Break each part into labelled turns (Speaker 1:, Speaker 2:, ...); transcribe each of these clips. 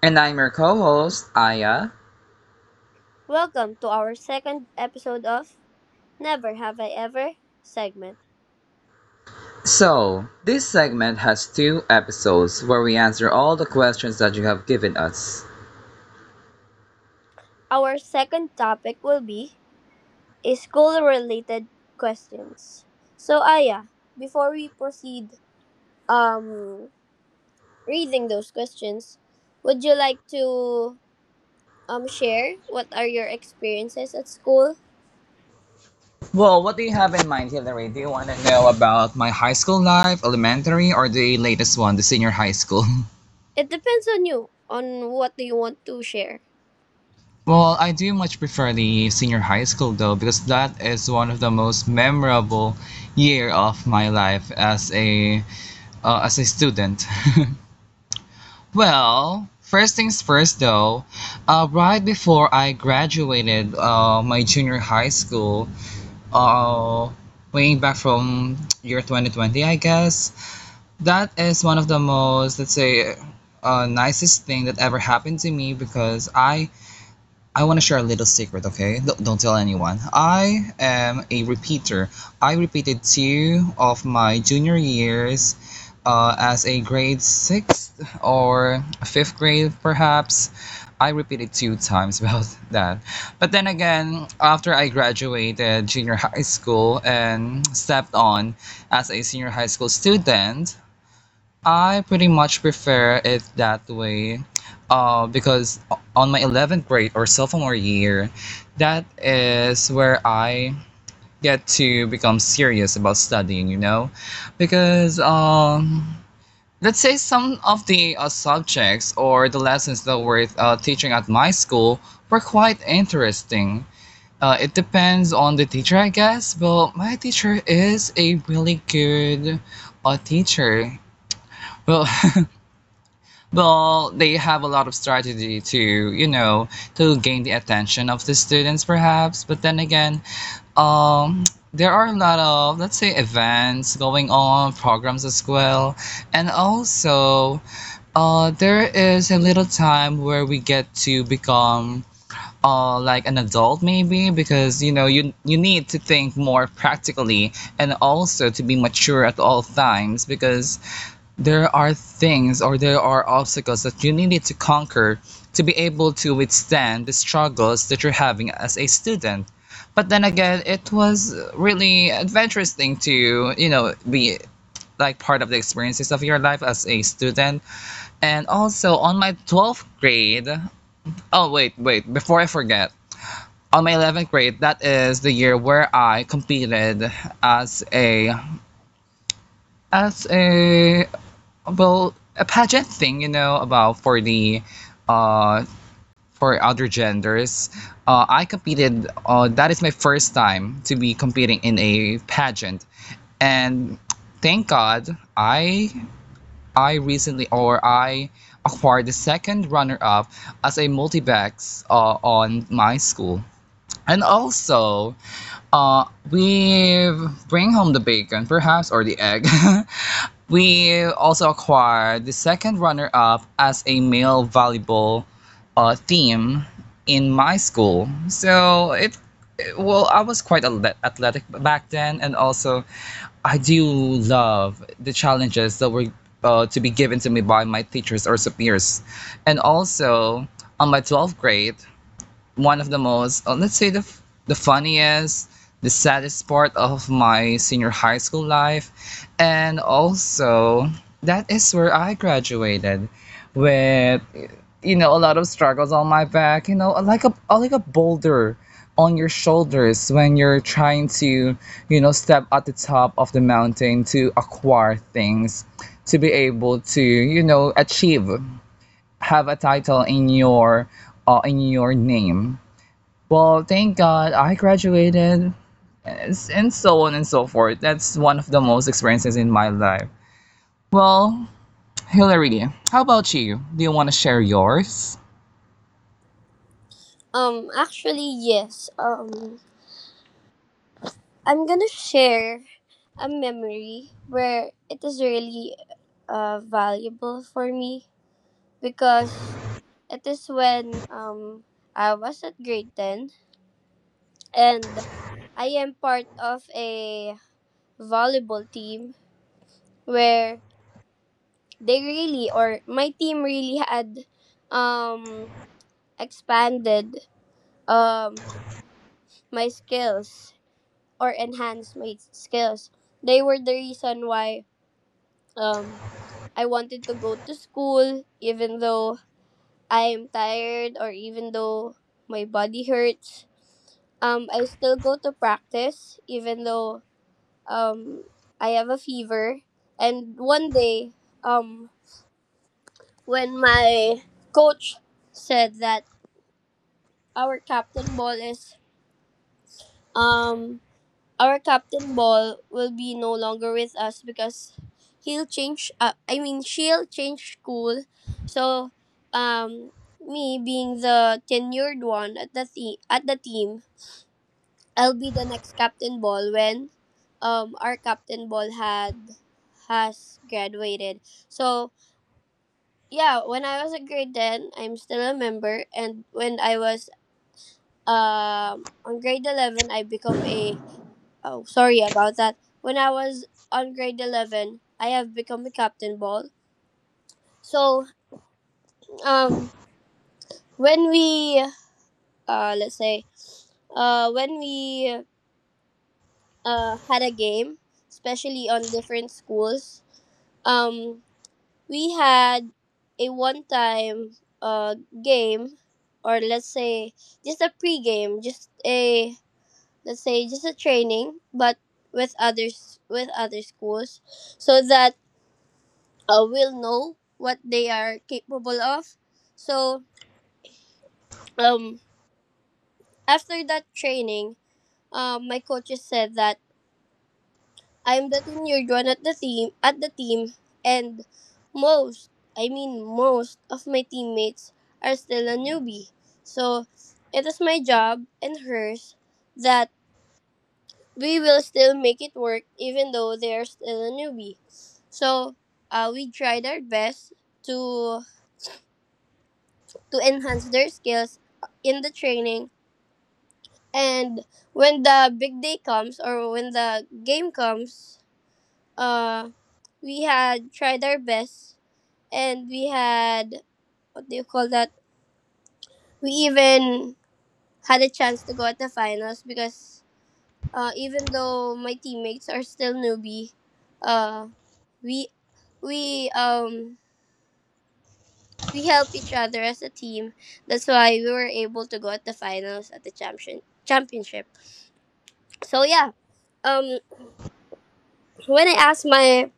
Speaker 1: And I'm your co host, Aya.
Speaker 2: Welcome to our second episode of Never Have I Ever segment.
Speaker 1: So, this segment has two episodes where we answer all the questions that you have given us.
Speaker 2: Our second topic will be is school related questions. So, Aya, before we proceed um, reading those questions, would you like to share what are your experiences at school?
Speaker 1: Well, what do you have in mind, Hillary? Do you want to know about my high school life, elementary, or the latest one, the senior high school?
Speaker 2: It depends on you, on what do you want to share.
Speaker 1: Well, I do much prefer the senior high school though, because that is one of the most memorable year of my life as a student. Well, first things first, though, right before I graduated my junior high school, uh, way back from year 2020, I guess, that is one of the most, let's say, nicest thing that ever happened to me, because I want to share a little secret, okay? Don't tell anyone. I am a repeater. I repeated two of my junior years as a grade sixth or fifth grade, perhaps. I repeated two times about that. But then again, after I graduated junior high school and stepped on as a senior high school student, I pretty much prefer it that way, because on my 11th grade or sophomore year, that is where I get to become serious about studying, you know? Because, let's say, some of the subjects or the lessons that were teaching at my school were quite interesting. It depends on the teacher, I guess, but my teacher is a really good teacher. Well, well, they have a lot of strategy you know, to gain the attention of the students, perhaps. But then again, um, there are a lot of, let's say, events going on, programs as well. And also, there is a little time where we get to become. Like an adult maybe, because you need to think more practically and also to be mature at all times, because there are things, or there are obstacles that you needed to conquer to be able to withstand the struggles that you're having as a student. But then again, it was really adventurous thing to, be like part of the experiences of your life as a student. And also on my 12th grade, oh, wait, wait, before I forget, on my 11th grade, that is the year where I competed as a, well, a pageant thing, about for the uh for other genders. I competed. That is my first time to be competing in a pageant, and thank God i I recently, or I acquired the second runner up as a multi-backs on my school, and also, uh, we bring home the bacon, perhaps, or the egg. We also acquired the second runner up as a male volleyball team in my school. So, well, I was quite athletic back then, and also I do love the challenges that were to be given to me by my teachers or superiors. And also, on my 12th grade, one of the most, let's say, the funniest, the saddest part of my senior high school life, and also that is where I graduated, with a lot of struggles on my back, you know, like a boulder on your shoulders when you're trying to, step at the top of the mountain to acquire things, to be able to, achieve, have a title in your name. Well, thank God I graduated, and and so on and so forth. That's one of the most experiences in my life. Well, Hillary, how about you? Do you want to share yours?
Speaker 2: Actually, yes. I'm gonna share a memory where it is really valuable for me because it is when I was at grade 10, and I am part of a volleyball team where they really, or my team really had um, expanded um, my skills or enhance my skills. They were the reason why um I wanted to go to school even though I am tired or even though my body hurts. I still go to practice even though um I have a fever. And one day um when my coach said that our captain ball is um our captain ball will be no longer with us because he'll change. I mean, she'll change school. So, um, me being the tenured one at the at the team, I'll be the next captain ball when, our captain ball had has graduated. So yeah, when I was in grade ten, I'm still a member, and when I was on grade 11, I become a oh, sorry about that. When I was on grade 11, I have become a captain ball. So, um, when we, let's say, when we had a game, especially on different schools, um, we had a one time uh, game, or let's say, just a pre game, just a, let's say, just a training, but with others with other schools so that will know what they are capable of. So um, after that training, my coaches said that I'm the tenured one at the team, and most I mean most of my teammates are still a newbie. So it is my job and hers that we will still make it work even though they are still a newbie. So we tried our best to to enhance their skills in the training. And when the big day comes or when the game comes, uh, we had tried our best and we had, what do you call that? We even had a chance to go at the finals because even though my teammates are still newbie, uh, we we um we help each other as a team. That's why we were able to go at the finals at the championship. So yeah, um when I asked my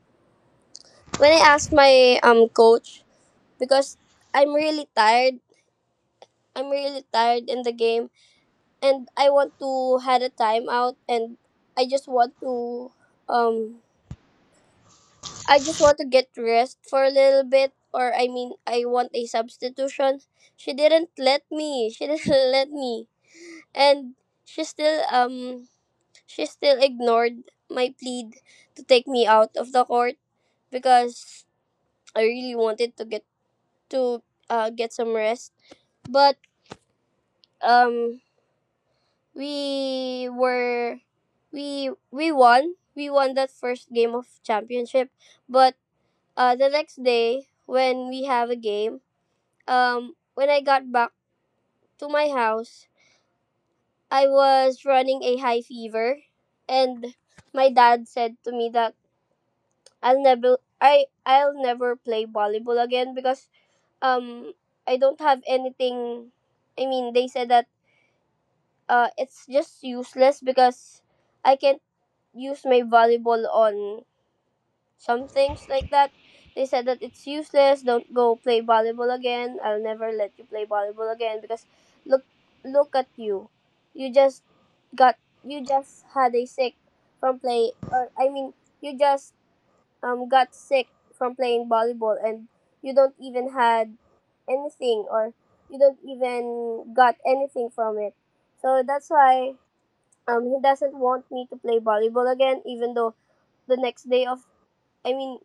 Speaker 2: when I asked my coach because I'm really tired. I'm really tired in the game, and I want to had a timeout and I just want to um I just want to get rest for a little bit, or I mean I want a substitution. She didn't let me. She didn't let me. And she still um she still ignored my plead to take me out of the court because I really wanted to get some rest. But um, we were we won. We won that first game of championship. But the next day when we have a game, when I got back to my house, I was running a high fever, and my dad said to me that I'll never play volleyball again because um I don't have anything. I mean, they said that it's just useless because I can't use my volleyball on some things like that. They said that it's useless. Don't go play volleyball again. I'll never let you play volleyball again because look, look at you. You just got you just had a sick from play or I mean you just got sick from playing volleyball, and you don't even had anything or you don't even got anything from it. So that's why he doesn't want me to play volleyball again, even though the next day of I mean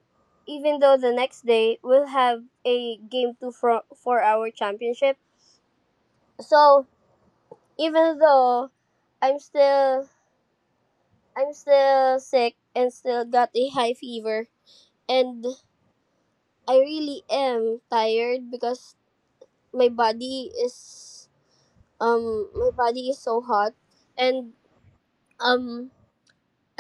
Speaker 2: even though the next day we'll have a game two for our championship. So even though i'm still I'm still sick and still got a high fever, and I really am tired because my body is my body is so hot. And um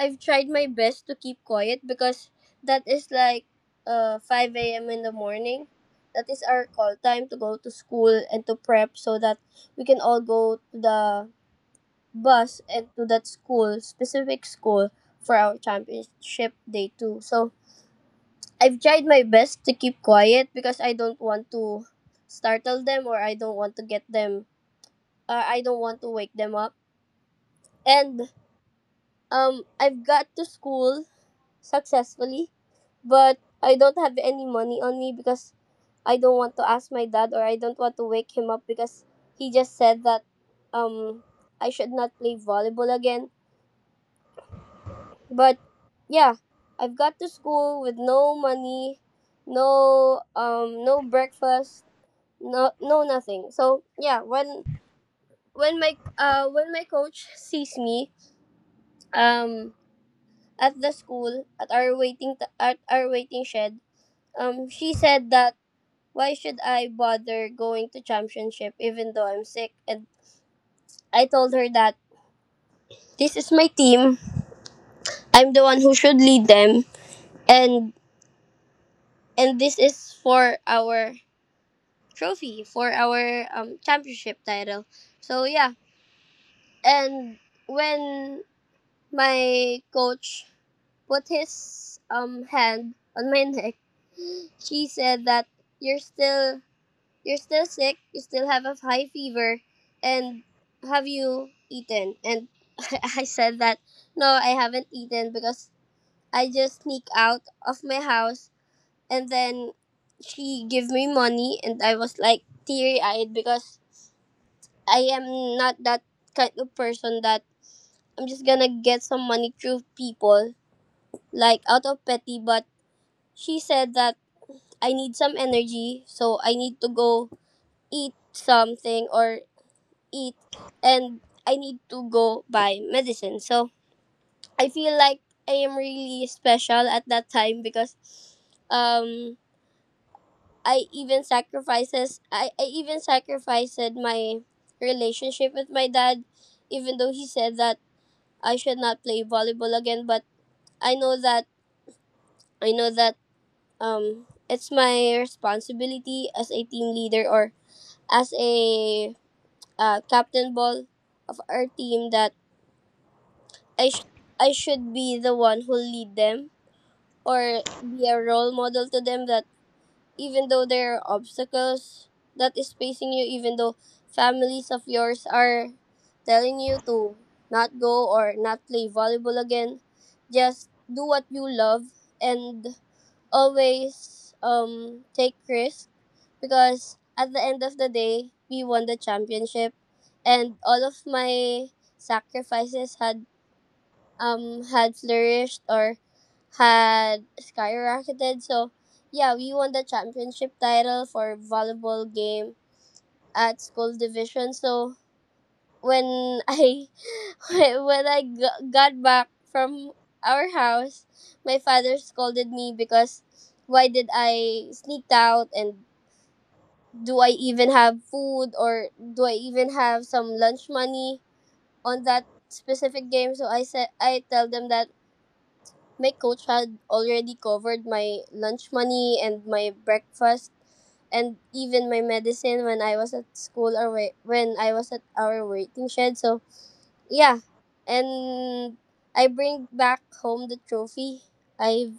Speaker 2: I've tried my best to keep quiet because that is like 5 a.m. in the morning. That is our call time to go to school and to prep so that we can all go to the bus and to that school, specific school for our championship day too. So I've tried my best to keep quiet because I don't want to startle them, or I don't want to get them I don't want to wake them up. And I've got to school successfully, but I don't have any money on me because I don't want to ask my dad, or I don't want to wake him up because he just said that um I should not play volleyball again. But yeah, I've got to school with no money, no no breakfast, no nothing. So yeah, when my coach sees me, um at the school at our waiting shed, she said that why should I bother going to championship even though I'm sick. And I told her that this is my team, I'm the one who should lead them, and and this is for our trophy for our championship title. So yeah, and when my coach put his hand on my neck, she said that you're still you're still sick, you still have a high fever, and have you eaten? And I said that, no, I haven't eaten because I just sneak out of my house. And then she gave me money, and I was like teary eyed because I am not that kind of person that I'm just gonna get some money through people, like out of petty. But she said that I need some energy, so I need to go eat something or eat, and I need to go buy medicine. So I feel like I am really special at that time because um I even sacrifices I even sacrificed my relationship with my dad, even though he said that I should not play volleyball again. But I know that I know that it's my responsibility as a team leader or as a captain ball of our team that I sh- I should be the one who lead them or be a role model to them, that even though there are obstacles that is facing you, even though families of yours are telling you to not go or not play volleyball again, just do what you love and always take risks. Because at the end of the day, we won the championship, and all of my sacrifices had had flourished or had skyrocketed. So yeah, we won the championship title for volleyball game at school division. So when I when I got back from our house, my father scolded me because why did I sneak out and do I even have food or do I even have some lunch money on that specific game? So I said I tell them that my coach had already covered my lunch money and my breakfast and even my medicine when I was at school or when I was at our waiting shed. So yeah, and I bring back home the trophy. I've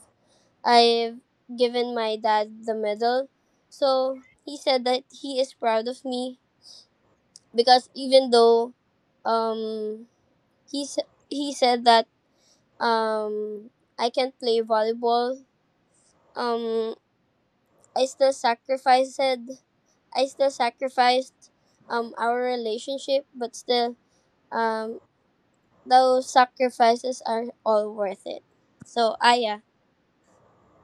Speaker 2: I've given my dad the medal, so he said that he is proud of me because even though um he he said that um I can't play volleyball, um I still sacrificed our relationship, but still um those sacrifices are all worth it. So Aya,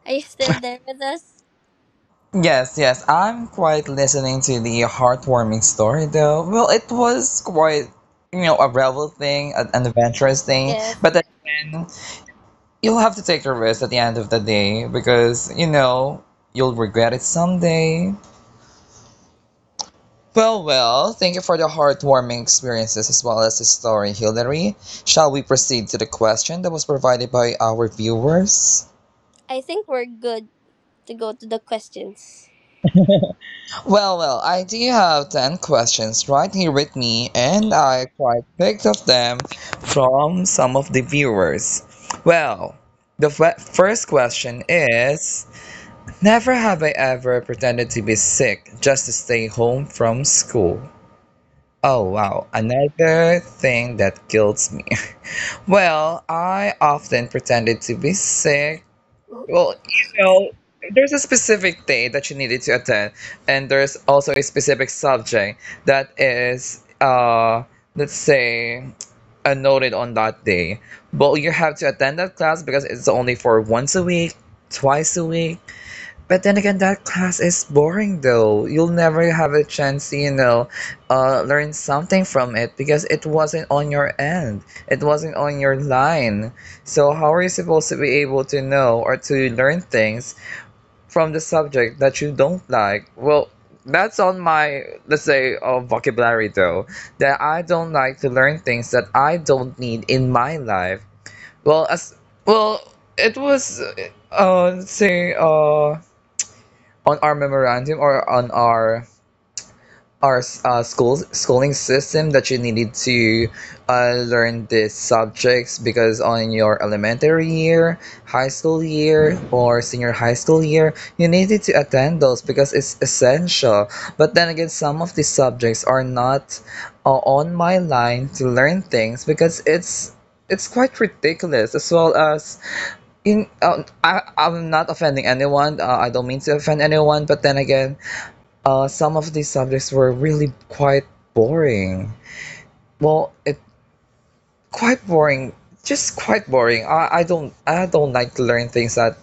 Speaker 2: are you still there with us?
Speaker 1: Yes, yes, I'm quite listening to the heartwarming story though. Well, it was quite, a rebel thing, an adventurous thing,
Speaker 2: Yes.
Speaker 1: but then again, you'll have to take the risk at the end of the day, because, you'll regret it someday. Well, well, thank you for the heartwarming experiences as well as the story, Hilary. Shall we proceed to the question that was provided by our viewers?
Speaker 2: I think we're good to go to the questions.
Speaker 1: Well, well, I do have 10 questions right here with me, and I quite picked of them from some of the viewers. Well, the first question is, never have I ever pretended to be sick just to stay home from school. Oh, wow, another thing that kills me. Well, I often pretended to be sick. Well, there's a specific day that you needed to attend, and there's also a specific subject that is, let's say, noted on that day. But you have to attend that class, because it's only for once a week, twice a week, but then again, that class is boring though. You'll never have a chance to, learn something from it, because it wasn't on your end. It wasn't on your line. So, how are you supposed to be able to know or to learn things from the subject that you don't like? Well, that's on my, let's say, vocabulary though, that I don't like to learn things that I don't need in my life. Well, as well, it was, let's say, on our memorandum or on our school's schooling system that you needed to learn these subjects, because on your elementary year, high school year, or senior high school year, you needed to attend those because it's essential. But then again, some of these subjects are not on my line to learn things, because it's quite ridiculous as well as in I'm not offending anyone, I don't mean to offend anyone, but then again, some of these subjects were really quite boring. Well, it quite boring, just quite boring. I don't like to learn things that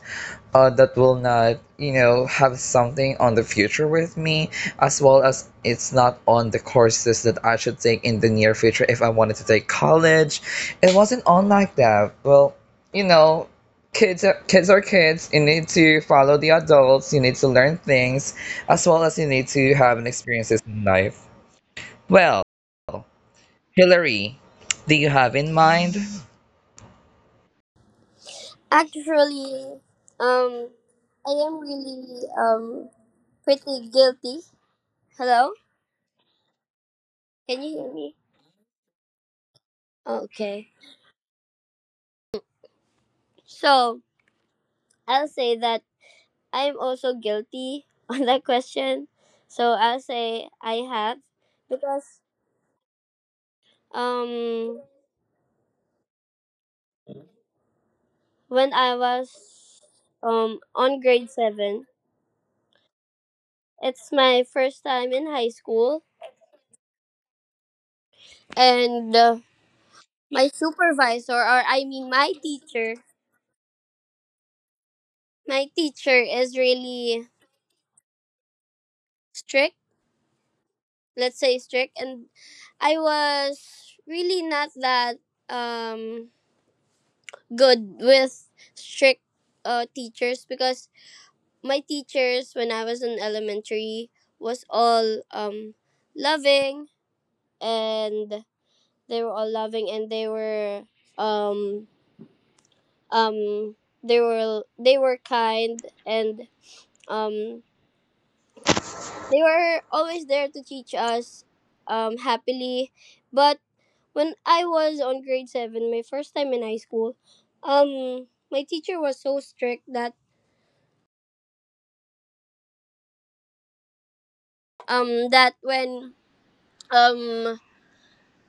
Speaker 1: that will not, have something on the future with me, as well as it's not on the courses that I should take in the near future if I wanted to take college. It wasn't on like that. Well, you know kids are, kids. You need to follow the adults, you need to learn things, as well as you need to have an experiences in life. Well, Hillary, do you have in mind?
Speaker 2: Actually, um I am really pretty guilty. Hello? Can you hear me? Okay. So I'll say that I'm also guilty on that question. So I'll say I have, because um when I was on grade 7, it's my first time in high school, and my supervisor, or I mean my teacher, is really strict, let's say strict. And I was really not that um good with strict teachers, because my teachers when I was in elementary was all loving, and they were all loving, and they were um um they were kind, and um they were always there to teach us happily. But when I was on grade 7, my first time in high school, my teacher was so strict that, that when, um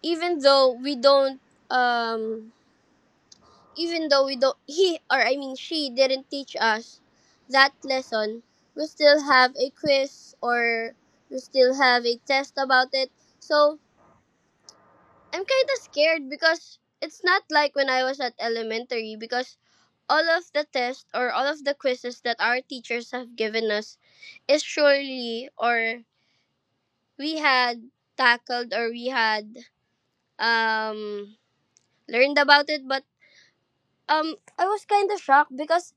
Speaker 2: even though we don't, um he, or I mean, she didn't teach us that lesson, we still have a quiz or we still have a test about it. So I'm kinda scared because it's not like when I was at elementary, because all of the tests or all of the quizzes that our teachers have given us is surely, or we had tackled, or we had um learned about it, but I was kind of shocked because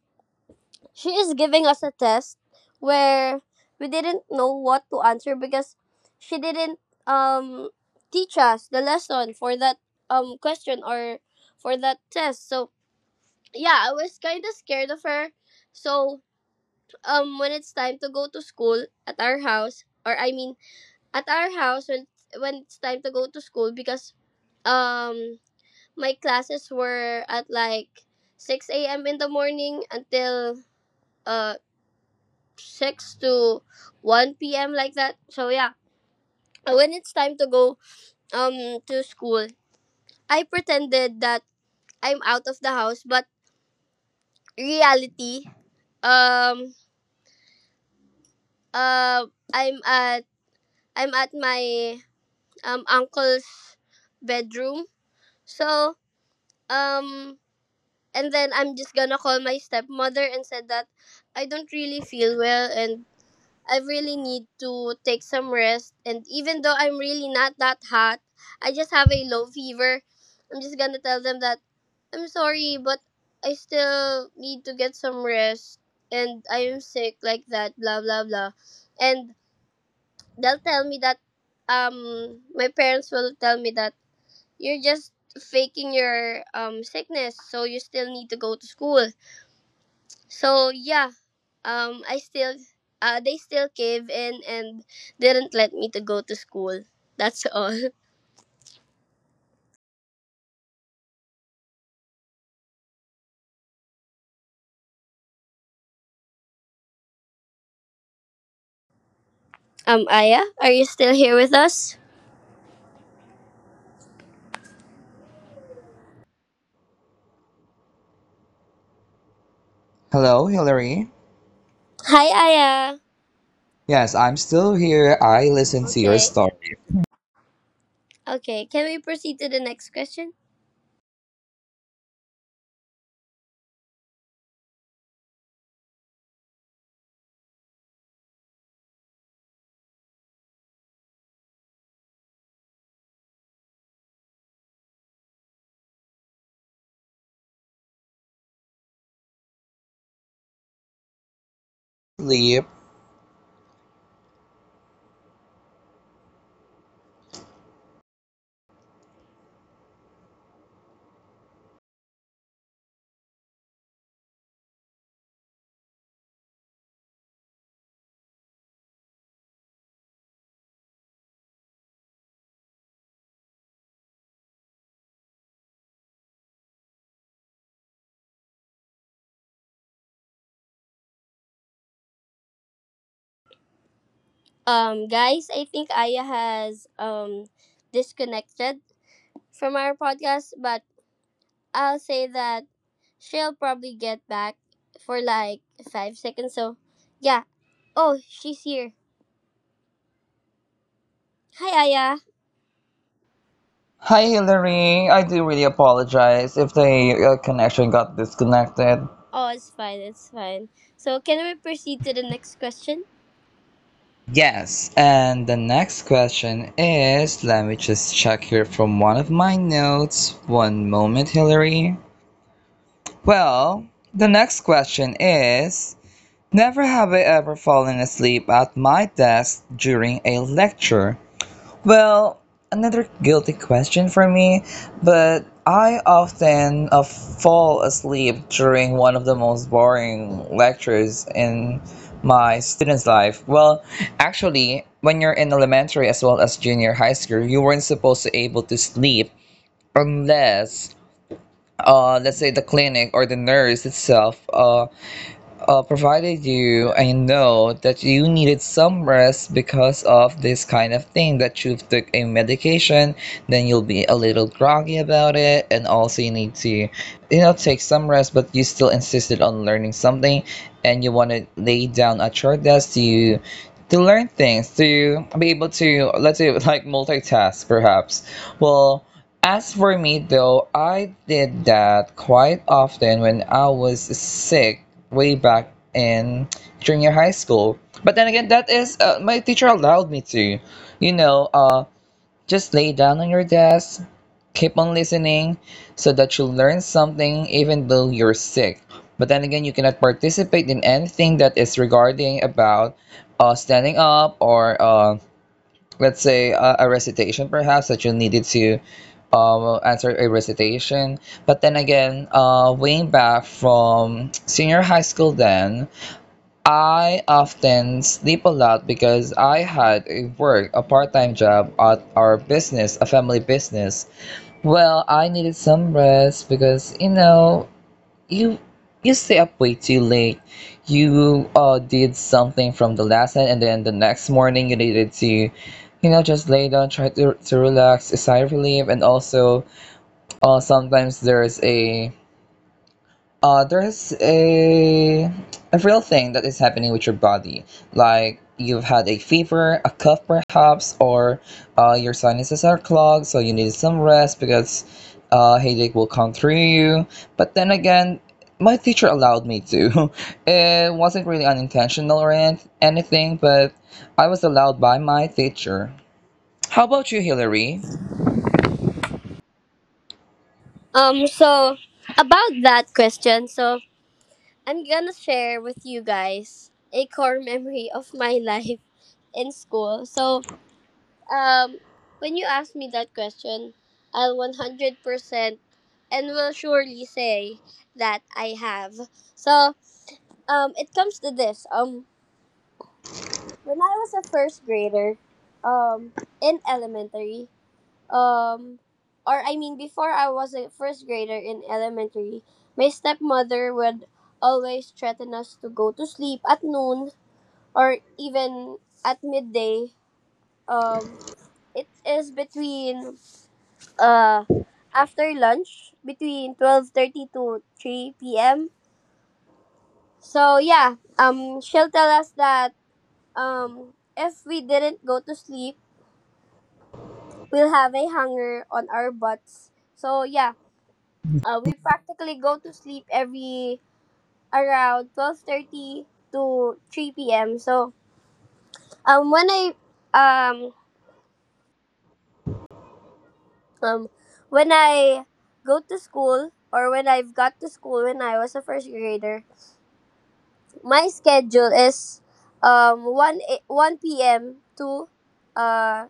Speaker 2: she is giving us a test where we didn't know what to answer, because she didn't um teach us the lesson for that question or for that test. So yeah, I was kind of scared of her. So when it's time to go to school at our house, or I mean at our house, when it's time to go to school, because um my classes were at like 6 a.m. in the morning until uh 6 to 1 p.m., like that. So yeah, when it's time to go um to school, I pretended that I'm out of the house, but reality, um uh I'm at I'm at my uncle's bedroom. So um and then I'm just gonna call my stepmother and said that I don't really feel well and I really need to take some rest. And even though I'm really not that hot, I just have a low fever, I'm just gonna tell them that I'm sorry, but I still need to get some rest, and I am sick, like that, blah, blah, blah. And they'll tell me that, my parents will tell me that you're just faking your sickness, so you still need to go to school. So yeah, um, I still, they still cave in and didn't let me to go to school. That's all. Aya, are you still here with us?
Speaker 1: Hello, Hillary.
Speaker 2: Hi, Aya.
Speaker 1: Yes, I'm still here. I listened to your
Speaker 2: Okay.
Speaker 1: story.
Speaker 2: Okay. Can we proceed to the next question?
Speaker 1: Lee,
Speaker 2: Guys, I think Aya has disconnected from our podcast, but I'll say that she'll probably get back for like 5 seconds. So, yeah. Oh, she's here. Hi, Aya.
Speaker 1: Hi, Hillary. I do really apologize if the connection got disconnected.
Speaker 2: Oh, it's fine. It's fine. So, can we proceed to the next question?
Speaker 1: Yes, and the next question is, let me just check here from one of my notes. One moment, Hillary. Well, the next question is, never have I ever fallen asleep at my desk during a lecture. Well, another guilty question for me, but I often fall asleep during one of the most boring lectures in my student's life. Well, actually, when you're in elementary as well as junior high school, you weren't supposed to able to sleep, unless let's say, the clinic or the nurse itself provided you and know that you needed some rest because of this kind of thing that you took a medication, then you'll be a little groggy about it, and also you need to, take some rest, but you still insisted on learning something, and you want to lay down at your desk to learn things, to be able to, let's say, like multitask, perhaps. Well, as for me, though, I did that quite often when I was sick way back in junior high school. But then again, that is, my teacher allowed me to, you know, uh, just lay down on your desk, keep on listening so that you learn something, even though you're sick. But then again, you cannot participate in anything that is regarding about standing up, or let's say, a recitation, perhaps, that you needed to, answer a recitation, but then again, way back from senior high school, then I often sleep a lot because I had a work, a part-time job at our business, a family business. Well, I needed some rest, because you you stay up way too late. You did something from the lesson, and then the next morning, you needed to, just lay down, try to, relax, sigh relief, and also sometimes there's a, there's a real thing that is happening with your body. Like, you've had a fever, a cough perhaps, or your sinuses are clogged, so you need some rest because headache will come through you. But then again, my teacher allowed me to. It wasn't really unintentional or anything, but I was allowed by my teacher. How about you, Hillary?
Speaker 2: So about that question, so I'm gonna share with you guys a core memory of my life in school. So, um, when you ask me that question, I'll 100% and will surely say that I have. So, it comes to this. When I was a first grader, um, in elementary, um or I mean, before I was a first grader in elementary, my stepmother would always threaten us to go to sleep at noon or even at midday. Um it is between, uh after lunch, between 12:30 to 3 p.m. So yeah, she'll tell us that if we didn't go to sleep, we'll have a hunger on our butts. So yeah, we practically go to sleep every around 12:30 to 3 p.m. So, um when I um um when I go to school, or when I've got to school, when I was a first grader, my schedule is 1 p.m. to uh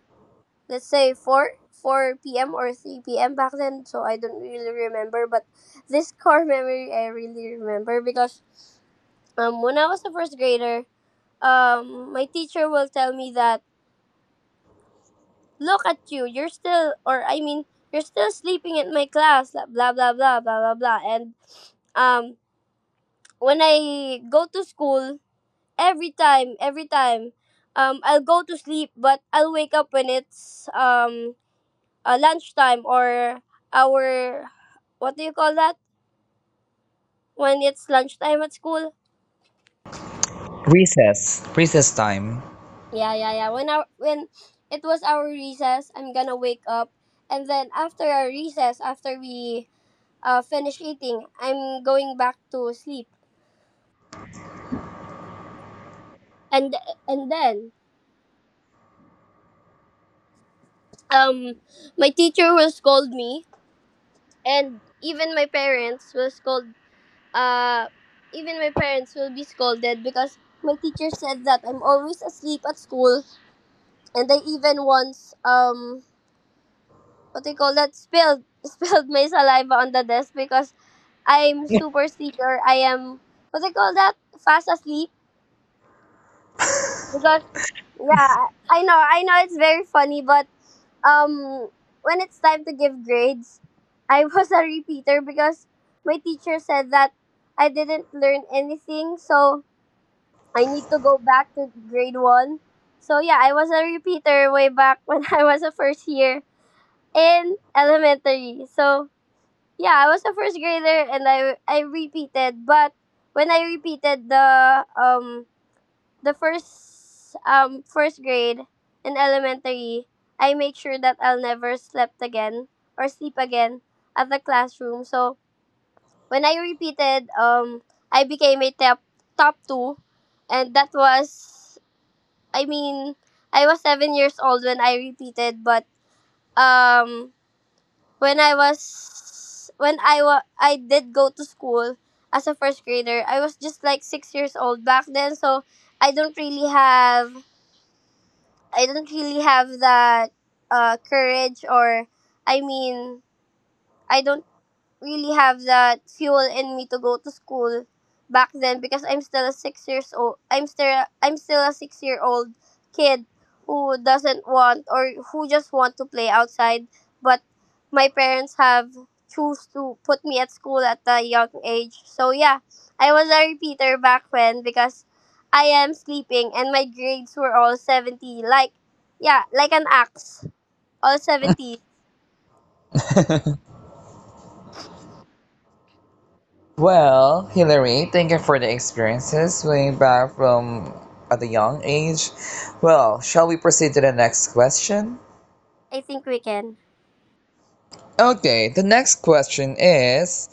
Speaker 2: let's say 4 p.m. or 3 p.m. back then, so I don't really remember, but this core memory I really remember, because when I was a first grader, my teacher will tell me that, look at you, you're still, or I mean, you're still sleeping at my class, blah, blah, blah, blah, blah, blah, blah. And um, when I go to school, every time, I'll go to sleep, but I'll wake up when it's, lunchtime, or our, what do you call that? When it's lunchtime at school.
Speaker 1: Recess. Recess time.
Speaker 2: Yeah, yeah, yeah. When it was our recess, I'm gonna wake up, and then after our recess, after we finish eating, I'm going back to sleep, and and then um my teacher will scold me, and uh even my parents will be scolded, because my teacher said that I'm always asleep at school, and they even once, what do you call that, spilled spilled my saliva on the desk because I'm super sleeper. I am what I call that fast asleep, because yeah, I know it's very funny, but um, when it's time to give grades, I was a repeater, because my teacher said that I didn't learn anything, so I need to go back to grade one. So yeah, I was a repeater way back when I was a first year in elementary. So yeah, I was a first grader, and I repeated, but when I repeated the first grade in elementary, I make sure that I'll never slept again or sleep again at the classroom. So when I repeated, I became a top two, and that was, I mean, I was 7 years old when I repeated, but um when I was when I wa- I did go to school as a first grader. I was just like 6 years old back then, so I don't really have I don't really have that courage, or I mean, I don't really have that fuel in me to go to school back then, because I'm still a 6 years old. I'm still a 6 year old kid who doesn't want or who just want to play outside. But my parents have choose to put me at school at a young age. So yeah, I was a repeater back when, because I am sleeping and my grades were all 70. Like yeah, like an axe, all 70.
Speaker 1: Well, Hillary, thank you for the experiences way back from at a young age. Well, shall we proceed to the next question?
Speaker 2: I think we can.
Speaker 1: Okay, the next question is,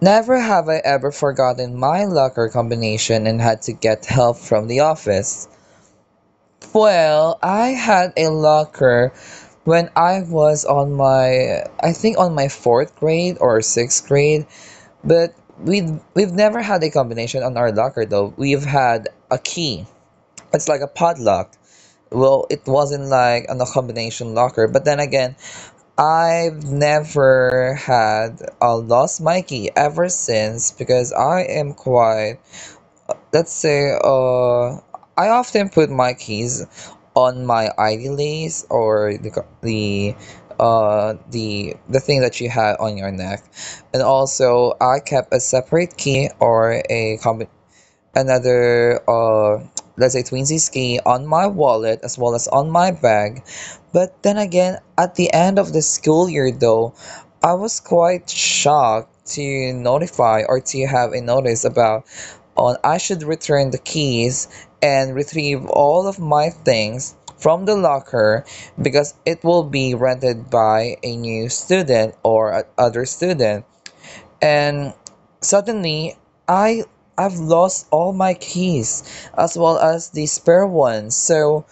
Speaker 1: never have I ever forgotten my locker combination and had to get help from the office. Well, I had a locker when I was on my, I think on my 4th grade or 6th grade, but we've never had a combination on our locker though. We've had a key. It's like a padlock. Well, it wasn't like a combination locker, but then again, I've never had a lost my key ever since because I am quite, let's say, I often put my keys on my ID lace or the the thing that you had on your neck, and also I kept a separate key or a combination, another let's say twinsy ski on my wallet as well as on my bag. But then again, at the end of the school year though, I was quite shocked to notify or to have a notice about on I should return the keys and retrieve all of my things from the locker, because it will be rented by a new student or other student. And suddenly I I've lost all my keys as well as the spare ones. So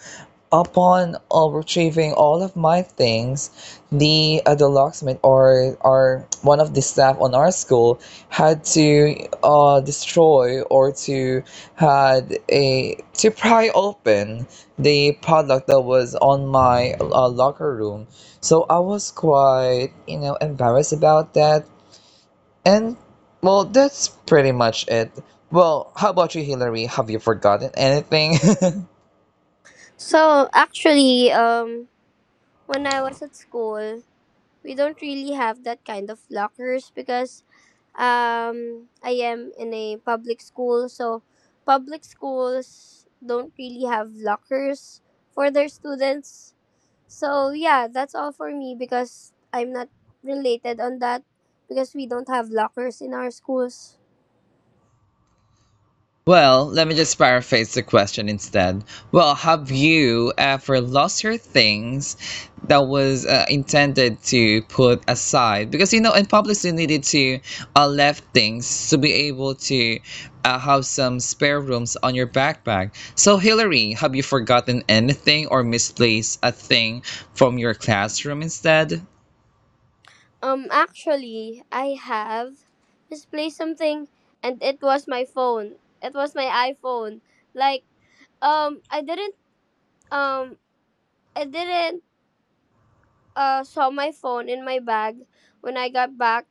Speaker 1: upon retrieving all of my things, the locksmith or one of the staff on our school had to destroy or to had a to pry open the padlock that was on my locker room. So I was quite, you know, embarrassed about that, and well, that's pretty much it. Well, how about you, Hillary? Have you forgotten anything?
Speaker 2: So actually, when I was at school, we don't really have that kind of lockers, because I am in a public school, so public schools don't really have lockers for their students. So yeah, that's all for me, because I'm not related on that, because we don't have lockers in our schools.
Speaker 1: Well, let me just paraphrase the question instead. Well, have you ever lost your things that was intended to put aside? Because you know, in public schools, you needed to left things to be able to have some spare rooms on your backpack. So, Hillary, have you forgotten anything or misplaced a thing from your classroom instead?
Speaker 2: Actually, I have misplaced something, and it was my phone. It was my iPhone. Like, um I didn't Um, I didn't saw my phone in my bag when I got back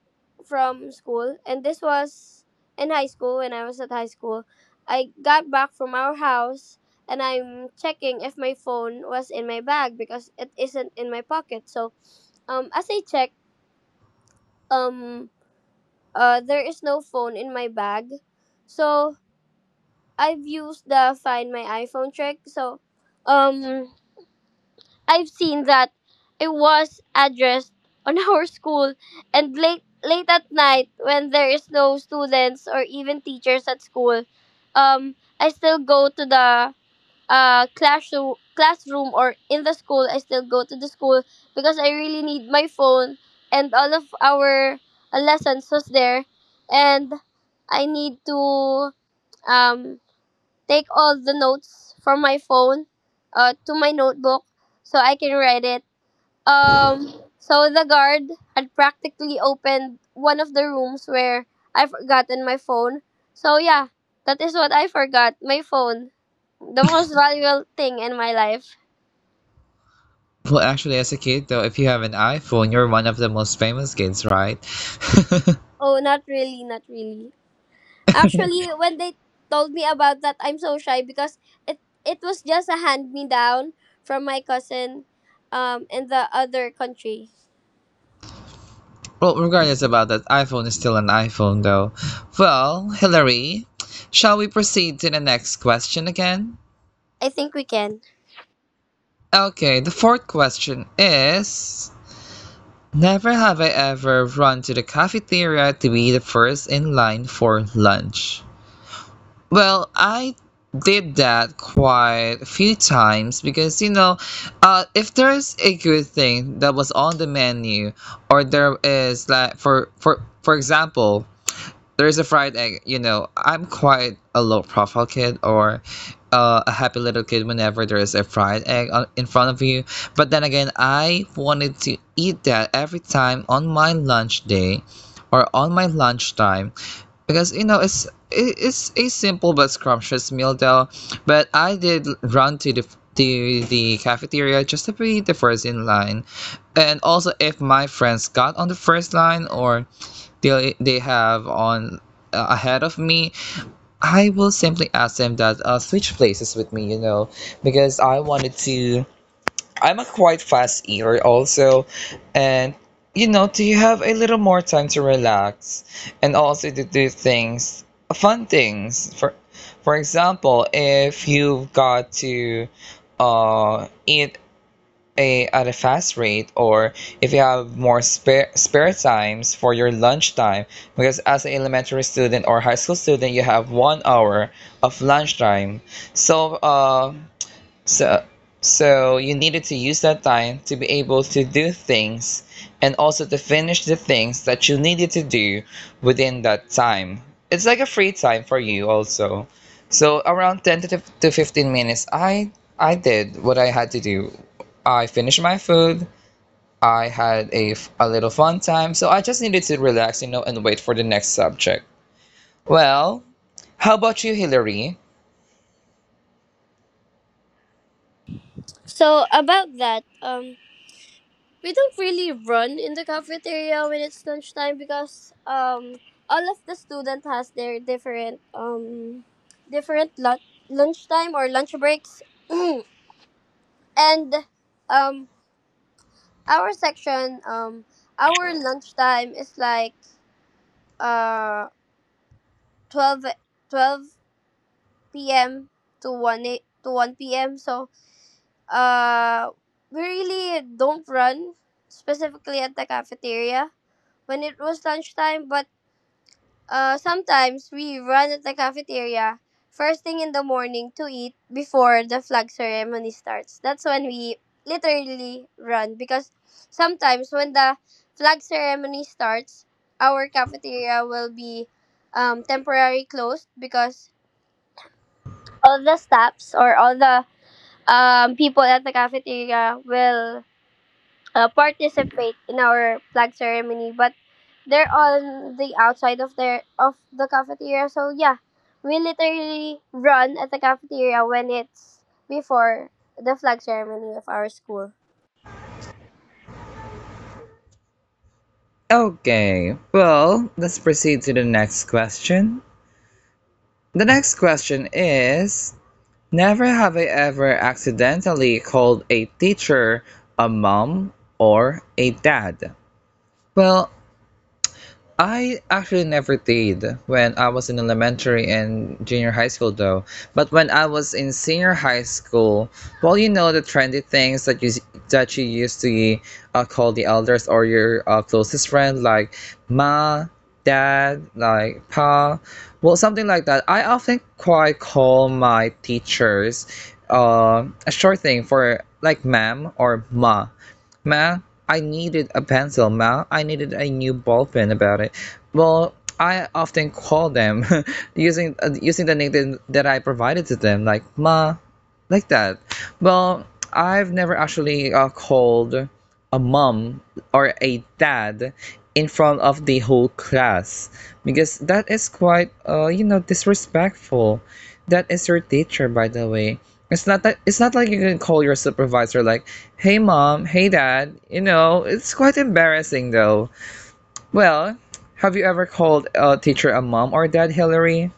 Speaker 2: from school, and this was in high school, when I was at high school. I got back from our house and I'm checking if my phone was in my bag, because it isn't in my pocket. So, as I check, um, there is no phone in my bag. So I've used the Find My iPhone trick. So, um, I've seen that it was addressed on our school, and late at night when there is no students or even teachers at school, I still go to the classroom or in the school. I still go to the school because I really need my phone, and all of our lessons was there, and I need to um take all the notes from my phone to my notebook so I can write it, um, so the guard had practically opened one of the rooms where I forgotten my phone. So yeah, that is what I forgot, my phone. The most valuable thing in my life.
Speaker 1: Well, actually, as a kid though, if you have an iPhone, you're one of the most famous kids, right?
Speaker 2: Oh, not really, not really. Actually, when they told me about that, I'm so shy because it it was just a hand me down from my cousin in the other country.
Speaker 1: Well, regardless about that, iPhone is still an iPhone though. Well, Hillary, shall we proceed to the next question again?
Speaker 2: I think we can.
Speaker 1: Okay, the fourth question is, never have I ever run to the cafeteria to be the first in line for lunch. Well, I did that quite a few times because you know, if there's a good thing that was on the menu, or there is, like, for for example, there's a fried egg. You know, I'm quite a low profile kid or a happy little kid whenever there is a fried egg on, in front of you. But then again, I wanted to eat that every time on my lunch day or on my lunchtime, because you know it's it's a simple but scrumptious meal though. But I did run to the cafeteria just to be the first in line. And also, if my friends got on the first line or they have on ahead of me, I will simply ask them that switch places with me, you know, because I wanted to. I'm a quite fast eater also, and you know, to have a little more time to relax and also to do things, fun things. For example, if you've got to eat a, at a fast rate, or if you have more spare times for your lunch time, because as an elementary student or high school student you have 1 hour of lunch time, so so, so you needed to use that time to be able to do things and also to finish the things that you needed to do within that time. It's like a free time for you also. So around 10 to 15 minutes, I did what I had to do. I finished my food. I had a, a little fun time. So I just needed to relax, you know, and wait for the next subject. Well, how about you, Hillary?
Speaker 2: So about that, we don't really run in the cafeteria when it's lunchtime, because all of the student has their different lunchtime or lunch breaks and um our section, our lunchtime is like uh 12 twelve p.m to 1 p.m, so uh we really don't run specifically at the cafeteria when it was lunchtime, but sometimes we run at the cafeteria first thing in the morning to eat before the flag ceremony starts. That's when we literally run, because sometimes when the flag ceremony starts, our cafeteria will be, temporarily closed, because all the staffs or all the, people at the cafeteria will, participate in our flag ceremony, but they're on the outside of the cafeteria. So yeah, we literally run at the cafeteria when it's before the flag ceremony of our school.
Speaker 1: Okay, well, let's proceed to the next question. The next question is, never have I ever accidentally called a teacher a mom or a dad. Well, I actually never did when I was in elementary and junior high school though. But when I was in senior high school, well, you know the trendy things that you that you used to call the elders or your closest friend, like ma, dad, like pa, well, something like that. I often quite call my teachers a short thing for like ma'am or ma. Man, I needed a pencil, man. I needed a new ball pen about it. Well, I often call them using using the nickname that I provided to them, like ma, like that. Well, I've never actually called a mom or a dad in front of the whole class, because that is quite, uh, you know, disrespectful. That is your teacher, by the way. It's not that it's not like you can call your supervisor like, hey mom, hey dad, you know. It's quite embarrassing though. Well, have you ever called a teacher a mom or dad, Hillary?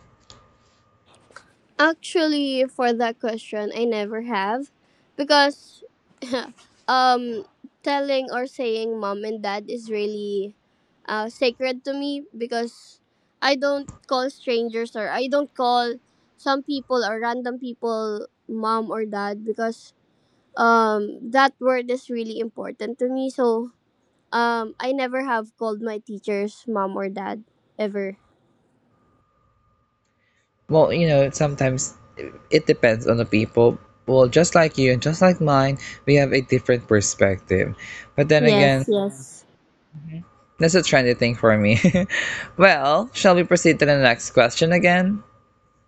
Speaker 2: Actually, for that question, I never have, because um telling or saying mom and dad is really, sacred to me, because I don't call strangers, or I don't call some people or random people mom or dad, because that word is really important to me, so I never have called my teachers mom or dad ever.
Speaker 1: Well, you know, sometimes it depends on the people. Well, just like you and just like mine, we have a different perspective, but then again,
Speaker 2: Yes, yes.
Speaker 1: that's a trendy thing for me. Well, shall we proceed to the next question again?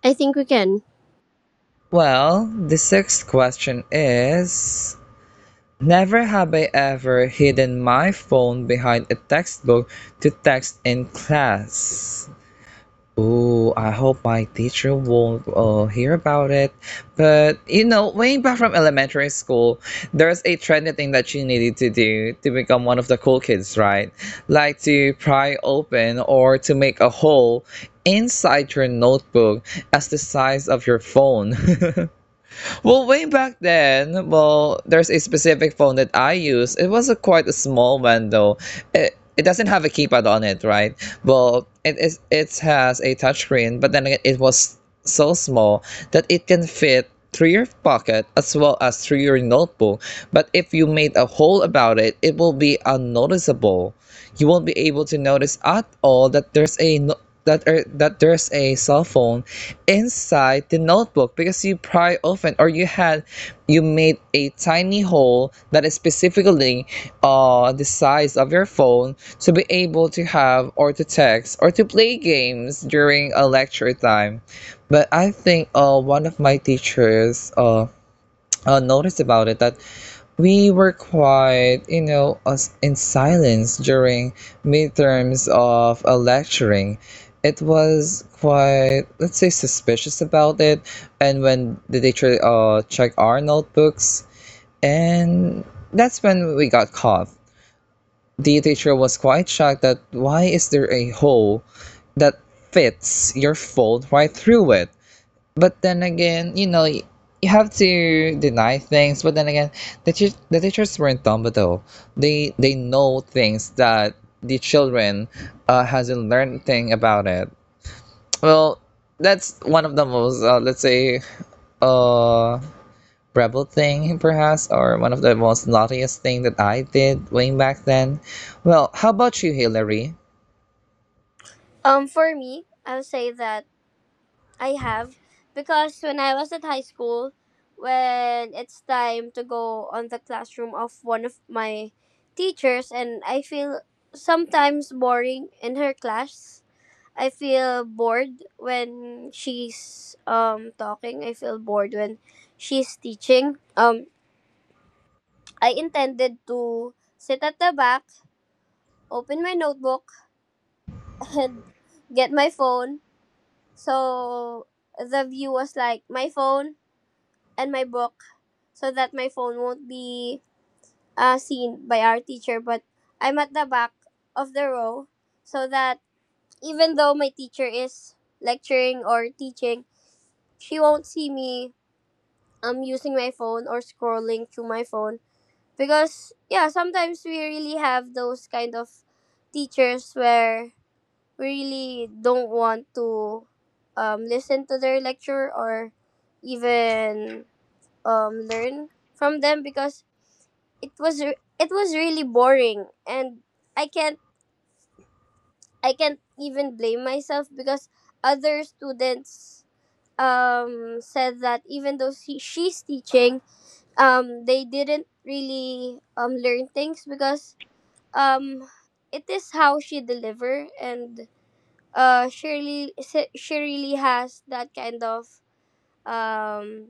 Speaker 2: I think we can.
Speaker 1: Well, the sixth question is, never have I ever hidden my phone behind a textbook to text in class. Oh, I hope my teacher won't hear about it. But you know, way back from elementary school, there's a trendy thing that you needed to do to become one of the cool kids, right? Like to pry open or to make a hole inside your notebook as the size of your phone. Well, way back then, well, there's a specific phone that I use. It was a quite a small one though. It doesn't have a keypad on it, right? Well, it is, it has a touchscreen, but then again, it was so small that it can fit through your pocket as well as through your notebook. But if you made a hole about it, it will be unnoticeable. You won't be able to notice at all that there's a that that there's a cell phone inside the notebook, because you probably often or you had you made a tiny hole that is specifically the size of your phone to be able to have or to text or to play games during a lecture time. But I think one of my teachers noticed about it, that we were quite, you know, in silence during midterms of a lecturing. It was quite, let's say, suspicious about it. And when the teacher checked our notebooks, and that's when we got caught. The teacher was quite shocked that why is there a hole that fits your fold right through it? But then again, you know, you have to deny things. But then again, the the teachers weren't dumb at all. They know things that the children hasn't learned thing about it. Well, that's one of the most let's say uh rebel thing perhaps, or one of the most naughtiest thing that I did way back then. Well, how about you, Hillary?
Speaker 2: For me, I'll say that I have, because when I was at high school, when it's time to go on the classroom of one of my teachers, and I feel sometimes boring in her class. I feel bored when she's talking. I feel bored when she's teaching. I intended to sit at the back, open my notebook, and get my phone. So the view was like my phone and my book so that my phone won't be seen by our teacher. But I'm at the back of the row so that even though my teacher is lecturing or teaching, she won't see me using my phone or scrolling through my phone. Because, yeah, sometimes we really have those kind of teachers where really don't want to listen to their lecture or even learn from them because it was it was really boring and I can't I can't even blame myself because other students said that even though she's teaching they didn't really learn things because um, it is how she deliver and Shirley she really has that kind of um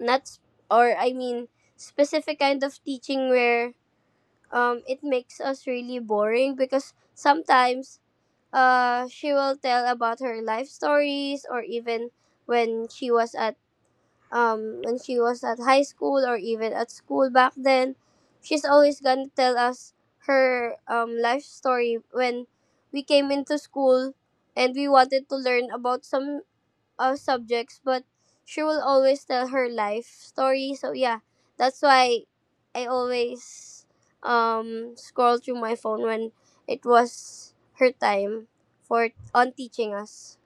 Speaker 2: not s- or I mean specific kind of teaching where it makes us really boring because sometimes she will tell about her life stories or even when she was at when she was at high school or even at school back then. She's always gonna tell us her life story when we came into school and we wanted to learn about some subjects, but she will always tell her life story. So yeah, that's why I always scroll through my phone when it was her time for on teaching us.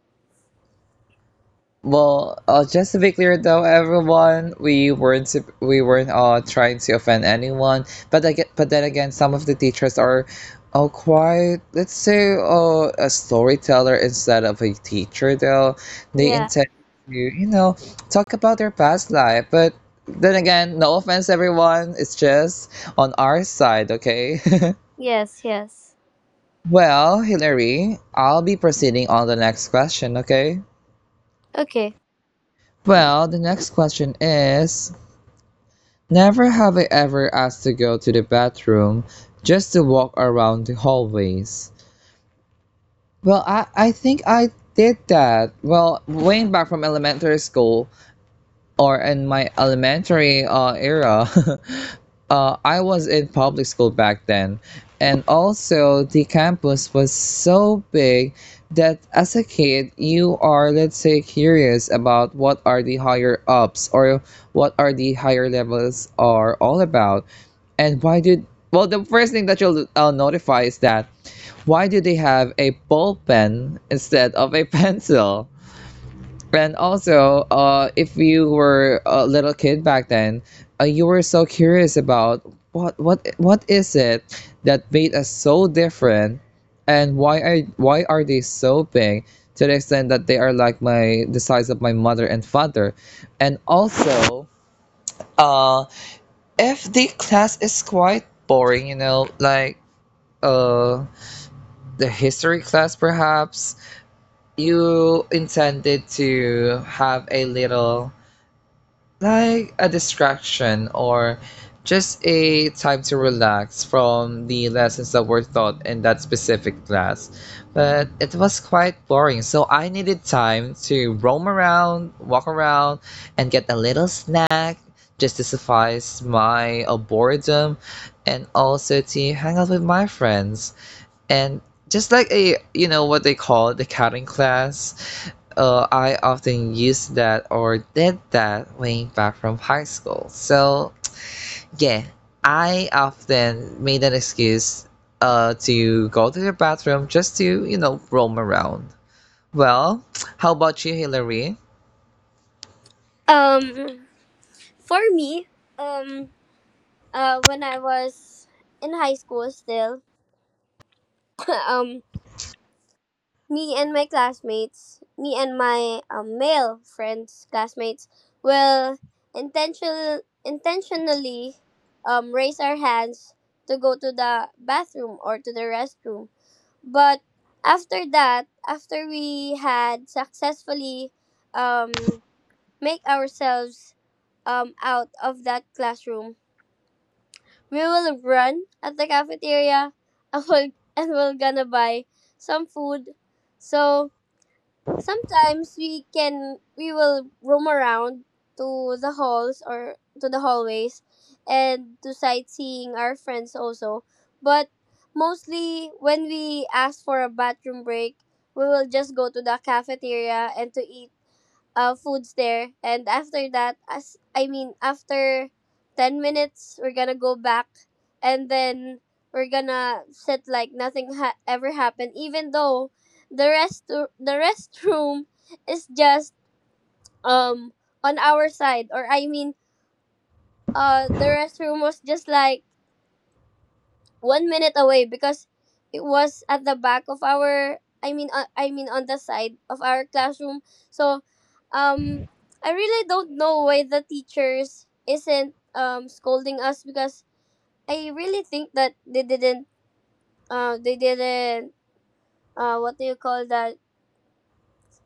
Speaker 1: Well, just to be clear though, everyone, we weren't we weren't trying to offend anyone. But I get, but then again, some of the teachers are, quite, let's say, a storyteller instead of a teacher though. They
Speaker 2: Yeah.
Speaker 1: intend to, you know, talk about their past life, but then again, no offense, everyone. It's just on our side, okay?
Speaker 2: Yes. Yes.
Speaker 1: Well, Hillary, I'll be proceeding on the next question, okay?
Speaker 2: Okay.
Speaker 1: Well, the next question is, never have I ever asked to go to the bathroom just to walk around the hallways. Well, I think I did that. Well, way back from elementary school or in my elementary era. I was in public school back then, and also the campus was so big that as a kid you are, let's say, curious about what are the higher ups or what are the higher levels are all about, and why did, well, the first thing that you'll notify is that why do they have a ball pen instead of a pencil? And also, if you were a little kid back then, you were so curious about what is it that made us so different, and why are they so big to the extent that they are like my the size of my mother and father. And also, uh, if the class is quite boring, you know, like uh the history class, perhaps, you intended to have a little like a distraction or just a time to relax from the lessons that were taught in that specific class. But it was quite boring, so I needed time to roam around, walk around, and get a little snack just to suffice my boredom, and also to hang out with my friends. And just like a, what they call the cutting class, I often used that or did that way back from high school. So yeah, I often made an excuse to go to the bathroom just to roam around. Well, how about you, Hillary?
Speaker 2: Um For me, um, when I was in high school still, um, me and my classmates, me and my male friends, classmates, will intentionally raise our hands to go to the bathroom or to the restroom. But after that, after we had successfully um, make ourselves out of that classroom, we will run at the cafeteria and we're gonna buy some food. So sometimes we will roam around to the halls or to the hallways and to sightseeing our friends also. But mostly when we ask for a bathroom break, we will just go to the cafeteria and to eat foods there. And after that, after 10 minutes, we're gonna go back and then we're gonna sit like nothing ever happened, even though the restroom is just um on our side or the restroom was just like 1 minute away because it was at the back of our on the side of our classroom. So um I really don't know why the teachers isn't scolding us because I really think that they didn't uh they didn't what do you call that,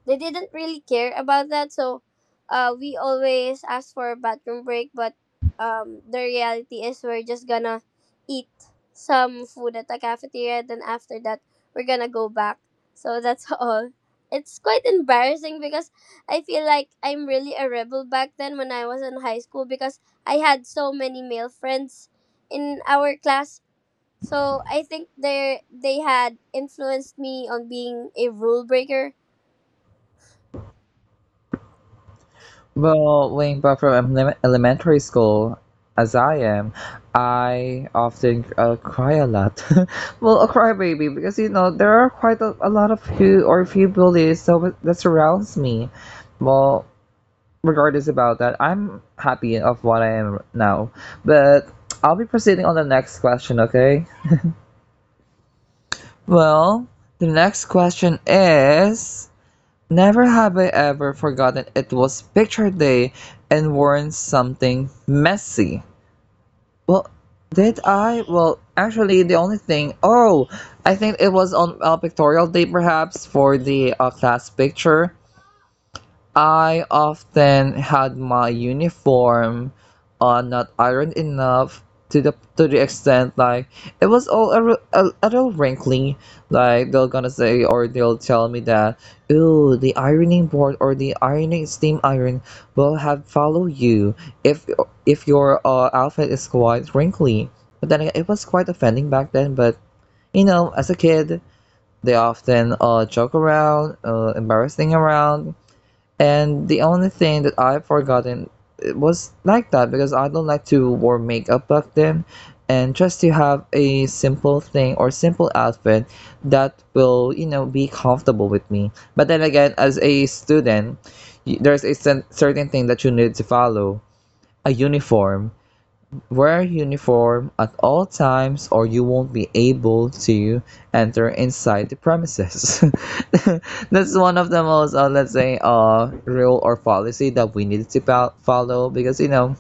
Speaker 2: they didn't really care about that. So we always ask for a bathroom break, but the reality is we're just gonna eat some food at the cafeteria. Then after that, we're gonna go back. So that's all. It's quite embarrassing because I feel like I'm really a rebel back then when I was in high school because I had so many male friends in our class. So I think they had influenced me on being a rule breaker.
Speaker 1: Well, way back from elementary school, as I am, I often cry a lot. Well, a crybaby because there are quite a lot of few or few bullies so that surrounds me. Well, regardless about that, I'm happy of what I am now. But I'll be proceeding on the next question, okay? Well, the next question is, never have I ever forgotten it was picture day and worn something messy. Well, did I? Well, actually, the only thing. Oh, I think it was on a pictorial day, perhaps, for the class picture. I often had my uniform not ironed enough to the extent like it was all a little wrinkly. Like they're gonna say, or they'll tell me that, ooh, the ironing board or the ironing steam iron will have follow you if if your outfit is quite wrinkly. But then again, it was quite offending back then. But you know, as a kid, they often joke around, embarrassing around, and the only thing that I've forgotten it was like that because I don't like to wear makeup back then. And just to have a simple thing or simple outfit that will be comfortable with me. But then again, as a student, there's a certain thing that you need to follow a uniform. Wear a uniform at all times or you won't be able to enter inside the premises. That's one of the most, let's say, rule or policy that we need to follow because,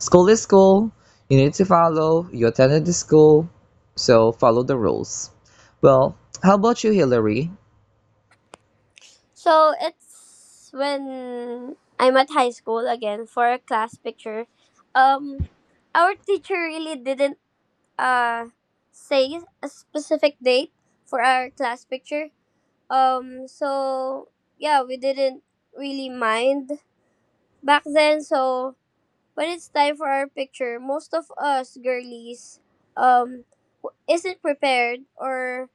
Speaker 1: school is school. You need to follow. You attended the school, so follow the rules. Well, how about you, Hillary?
Speaker 2: So it's when I'm at high school again for a class picture. Um, our teacher really didn't uh say a specific date for our class picture. So yeah, we didn't really mind back then. So when it's time for our picture, most of us girlies um isn't prepared or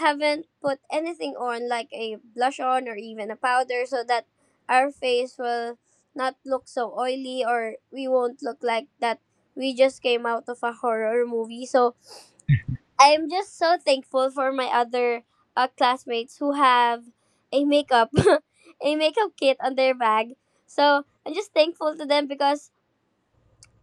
Speaker 2: haven't put anything on like a blush on or even a powder so that our face will not look so oily or we won't look like that we just came out of a horror movie. So I'm just so thankful for my other classmates who have a makeup a makeup kit on their bag. So I'm just thankful to them because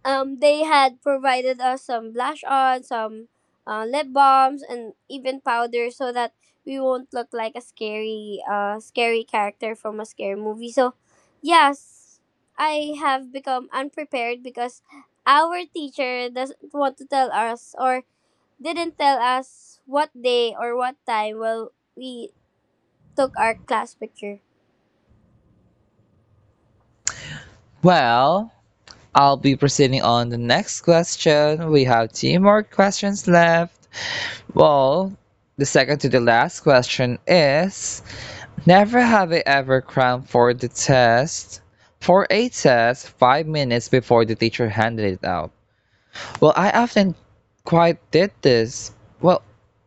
Speaker 2: they had provided us some blush on, some lip balms, and even powder so that we won't look like a scary, scary character from a scary movie. So, yes, I have become unprepared because our teacher doesn't want to tell us or didn't tell us what day or what time well we took our class picture.
Speaker 1: Well, I'll be proceeding on the next question. We have two more questions left. Well, the second to the last question is, never have I ever crammed for the test. For a test, 5 minutes before the teacher handed it out. Well, I often quite did this. Well,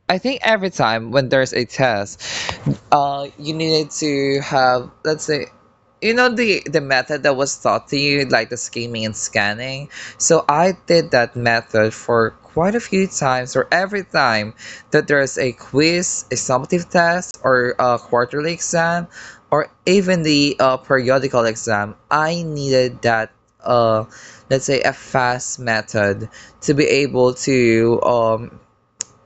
Speaker 1: I think every time when there's a test, you needed to have, let's say, you know, the method that was taught to you, like the scheming and scanning. So I did that method for quite a few times, or every time that there's a quiz, a summative test, or a quarterly exam, or even the periodical exam. I needed that. Uh, let's say a fast method to be able to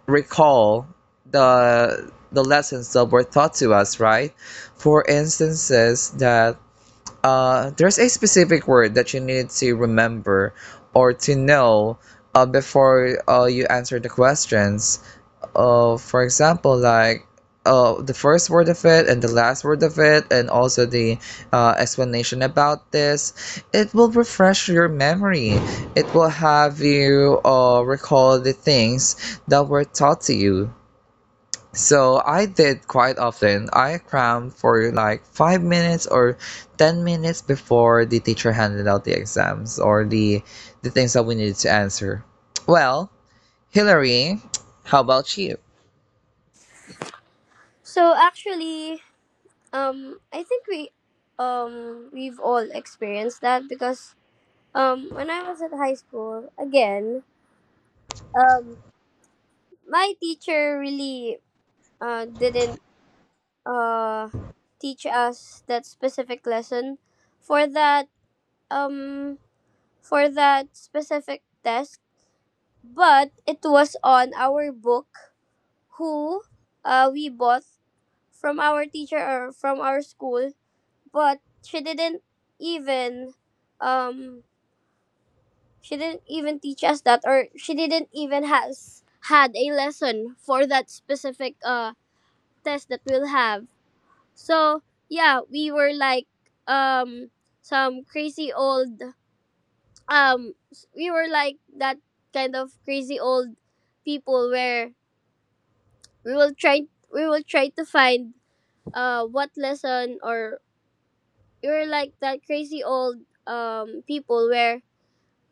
Speaker 1: recall the lessons that were taught to us, right? For instances that there's a specific word that you need to remember or to know before you answer the questions, for example, like the first word of it and the last word of it, and also the explanation about this, it will refresh your memory. It will have you recall the things that were taught to you. So I did quite often. I crammed for like 5 minutes or 10 minutes before the teacher handed out the exams or the things that we needed to answer. Well, Hillary, how about you?
Speaker 2: So actually, I think we've all experienced that because when I was at high school, again, um, my teacher really didn't uh, teach us that specific lesson for that um for that specific test, but it was on our book who we bought from our teacher or from our school, but she didn't even um she didn't even teach us that, or she didn't even has had a lesson for that specific test that we'll have. So yeah, we were like um some crazy old we were like that kind of crazy old people where we will try we will try to find what lesson or we were like that crazy old people where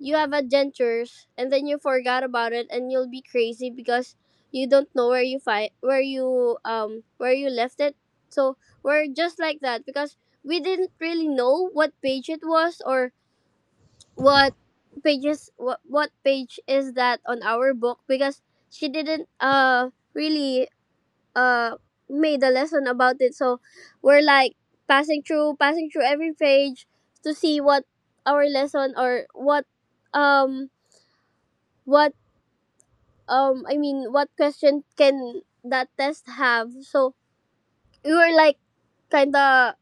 Speaker 2: you have adventures and then you forgot about it and you'll be crazy because you don't know where you find where you left it. So we're just like that because we didn't really know what page it was or what pages what page is that on our book because she didn't really uh made a lesson about it. So we're like passing through every page to see what our lesson or um what I mean what question can that test have? So we were like kinda,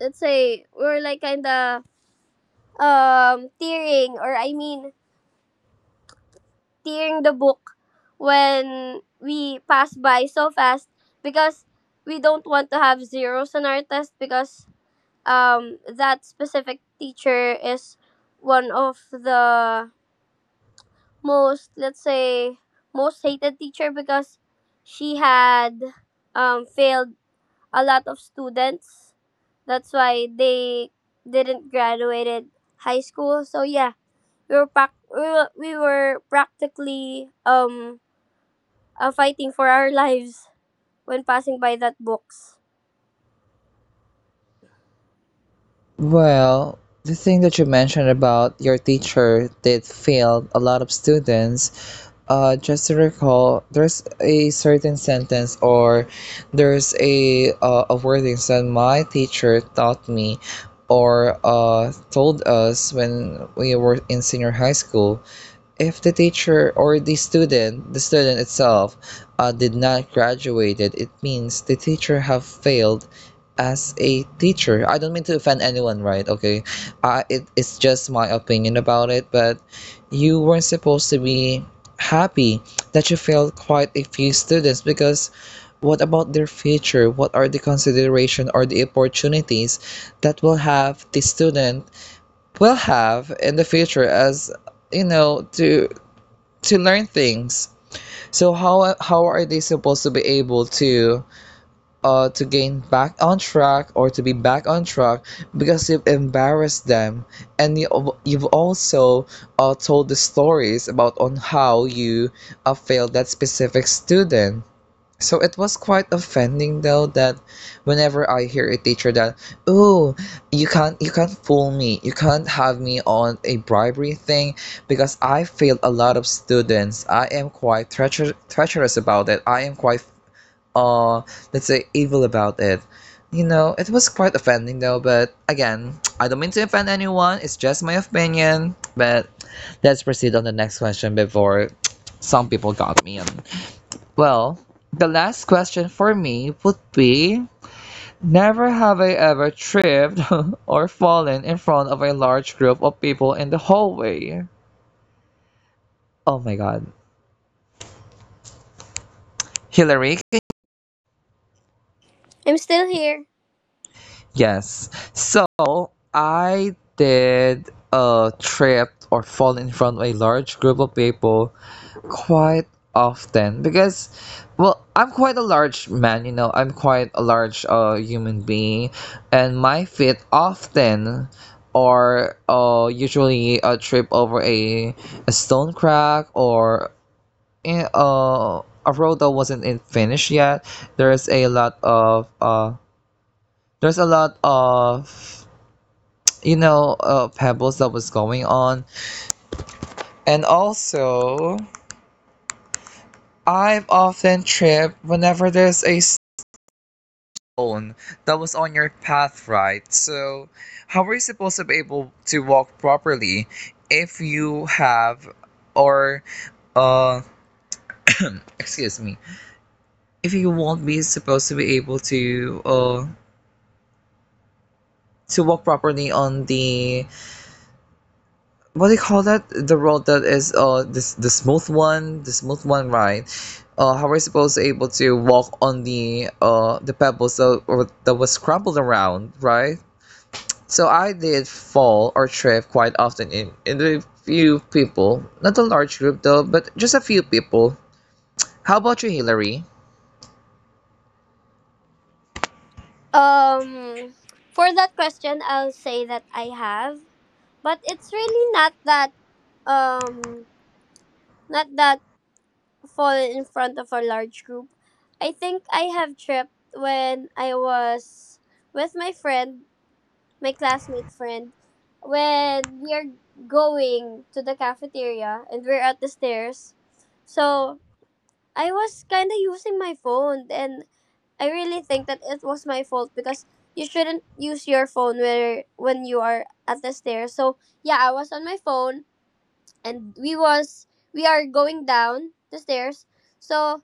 Speaker 2: let's say we were like kinda tearing or tearing the book when we pass by so fast because we don't want to have zeros on our test because that specific teacher is one of the most, let's say most hated teacher because she had failed a lot of students. That's why they didn't graduated high school. So yeah, we were pac- we were practically fighting for our lives when passing by that books.
Speaker 1: Well, the thing that you mentioned about your teacher did fail a lot of students. Just to recall, there's a certain sentence or there's a wording that my teacher taught me, or told us when we were in senior high school. If the teacher or the student itself did not graduated, it means the teacher have failed as a teacher. I don't mean to offend anyone, right? Okay, it's just my opinion about it. But you weren't supposed to be happy that you failed quite a few students, because what about their future? What are the consideration or the opportunities that will have the student will have in the future, as you know, to learn things? So how are they supposed to be able to gain back on track, or to be back on track, because you've embarrassed them, and you've also told the stories about on how you failed that specific student. So it was quite offending, though, that whenever I hear a teacher that, oh, you can't fool me, you can't have me on a bribery thing because I failed a lot of students. I am quite treacherous about it. I am quite let's say evil about it. You know, it was quite offending though, but again, I don't mean to offend anyone, it's just my opinion. But let's proceed on the next question before some people got me on. Well, the last question for me would be, never have I ever tripped or fallen in front of a large group of people in the hallway. Oh my god. Hillary,
Speaker 2: I'm still here.
Speaker 1: yes. So I did a trip or fall in front of a large group of people quite often, because well, I'm quite a large man, I'm quite a large human being, and my feet often are usually a trip over a stone crack, or a road that wasn't in finished yet, there's a lot of there's a lot of pebbles that was going on. And also, I've often tripped whenever there's a stone that was on your path, right? So, how are you supposed to be able to walk properly if you have, or, uh, excuse me, if you won't be supposed to be able to walk properly on the, what do you call that, the road that is this the smooth one, right? How are we supposed to able to walk on the pebbles that was crumbled around, right? So I did fall or trip quite often in the few people, not a large group though, but just a few people. How about you, Hillary?
Speaker 2: Um, for that question, I'll say that I have, but it's really not that um not that fall in front of a large group. I think I have tripped when I was with my friend, my classmate friend, when we are going to the cafeteria and we're at the stairs. So I was kind of using my phone, and I really think that it was my fault because you shouldn't use your phone where when you are at the stairs. So yeah, I was on my phone, and we are going down the stairs. So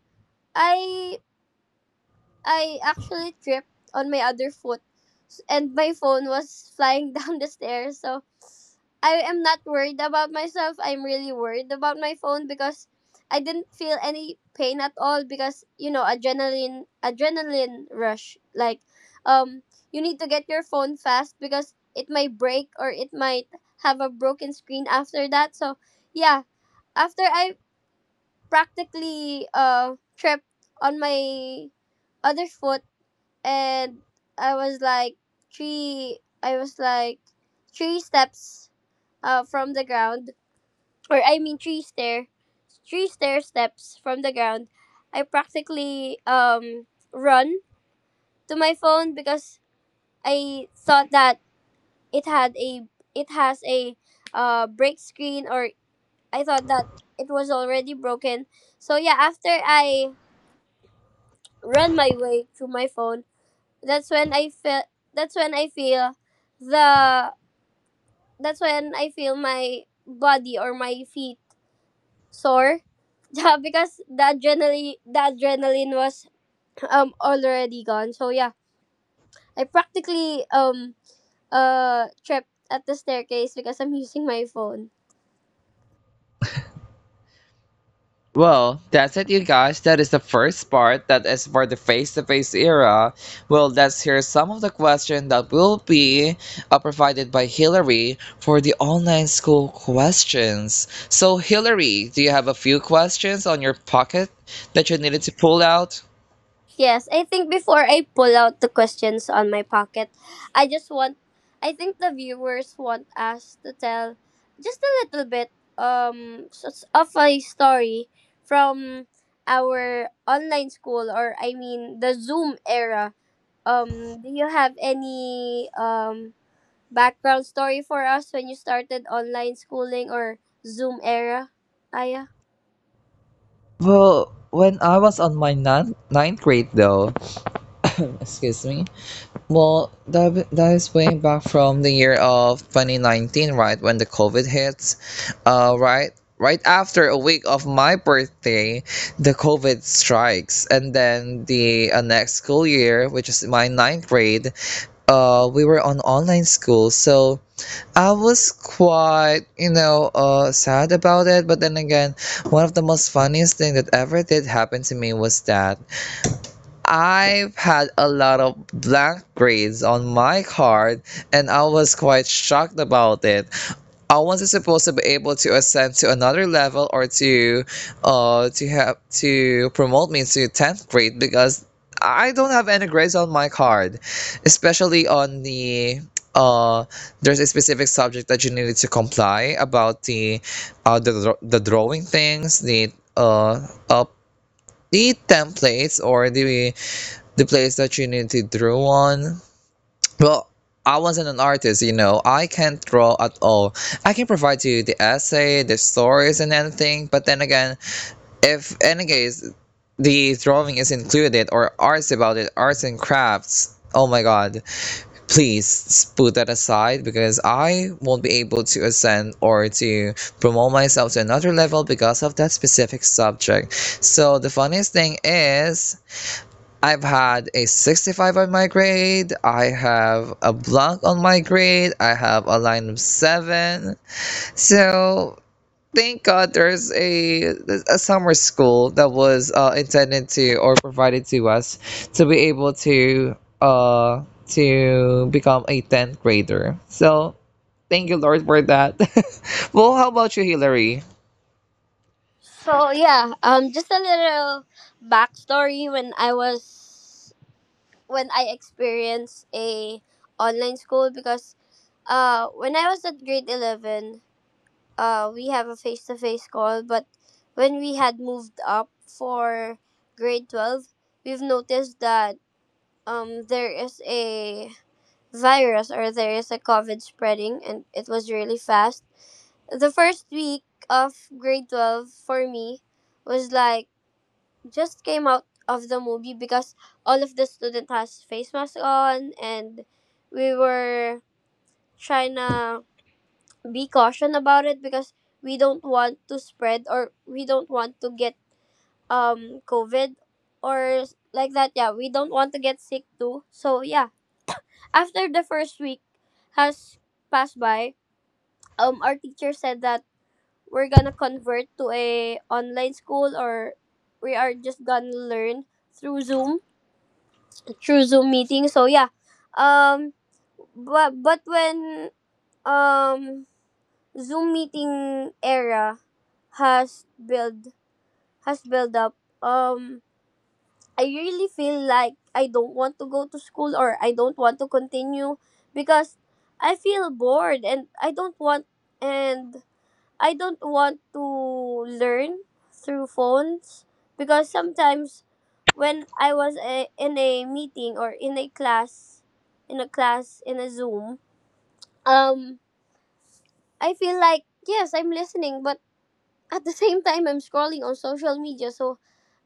Speaker 2: I I actually tripped on my other and my phone was flying down the stairs. So I am not worried about myself. I'm really worried about my phone because I didn't feel any pain at all because you know, adrenaline rush, like um you need to get your phone fast because it might break or it might have a broken screen after that. So yeah, after I practically tripped on my other foot, and I was like three. I was like three steps from the ground, or I mean three stair steps from the ground. I practically run to my phone because I thought that it had a it has a break screen or I thought that it was already broken. So yeah, after I ran my way to my phone. That's when I feel. That's when I feel the. That's when I feel my body or my feet sore. Yeah, because the adrenaline was already gone. So yeah, I practically tripped at the staircase because I'm using my phone.
Speaker 1: Well, that's it, you guys. That is the first part. That is for the face-to-face era. Well, let's hear some of the questions that will be provided by Hillary for the online school questions. So, Hillary, do you have a few questions on your pocket that you needed to pull out?
Speaker 2: Yes, I think before I pull out the questions on my pocket, I just want I think the viewers want us to tell just a little bit of a story from our online school or I mean the Zoom era. Do you have any background story for us when you started online schooling or Zoom era? Aya?
Speaker 1: Well, when I was on my ninth grade, though, excuse me, well, that is way back from the year of 2019, right when the COVID hits, uh, right right after a week of my birthday, the COVID strikes, and then the next school year, which is my ninth grade, we were on online school. So, I was quite, sad about it. But then again, one of the most funniest thing that ever did happen to me was that I've had a lot of blank grades on my card, and I was quite shocked about it. I wasn't supposed to be able to ascend to another level, or to have to promote me to tenth grade because I don't have any grades on my card, especially on the. Uh, there's a specific subject that you needed to comply about the the drawing things, the templates or the place that you need to draw on. Well, I wasn't an artist, you know. I can't draw at all. I can provide you the essay, the stories, and anything. But then again, if in any case the drawing is included, or arts about it, arts and crafts. Oh my god, please put that aside because I won't be able to ascend or to promote myself to another level because of that specific subject. So, the funniest thing is, I've had a 65 on my grade. I have a block on my grade. I have a line of seven. So thank God there's a summer school that was intended to or provided to us to be able uh to become a 10th grader. So thank you Lord for that. Well, how about you, Hillary?
Speaker 2: So yeah, just a little backstory when I was when I experienced a online school because when I was at grade 11, we have a face to face call, but when we had moved up for grade 12, we've noticed that there is a virus or there is a COVID spreading, and it was really fast. The first week of grade 12 for me was like just came out of the movie because all of the student has face masks on, and we were trying to be caution about it because we don't want to spread or we don't want to get covid or like that. Yeah, we don't want to get sick too. So yeah, after the first week has passed by, our teacher said that we're gonna convert to a online school or we are just gonna learn through zoom through Zoom meeting. So yeah, um, but when um Zoom meeting era has built has built up, um, I really feel like I don't want to go to school or I don't want to continue because I feel bored and and I don't want to learn through phones because sometimes when I was in a meeting or in a class in a Zoom, um, I feel like yes, I'm listening, but at the same time I'm scrolling on social media. So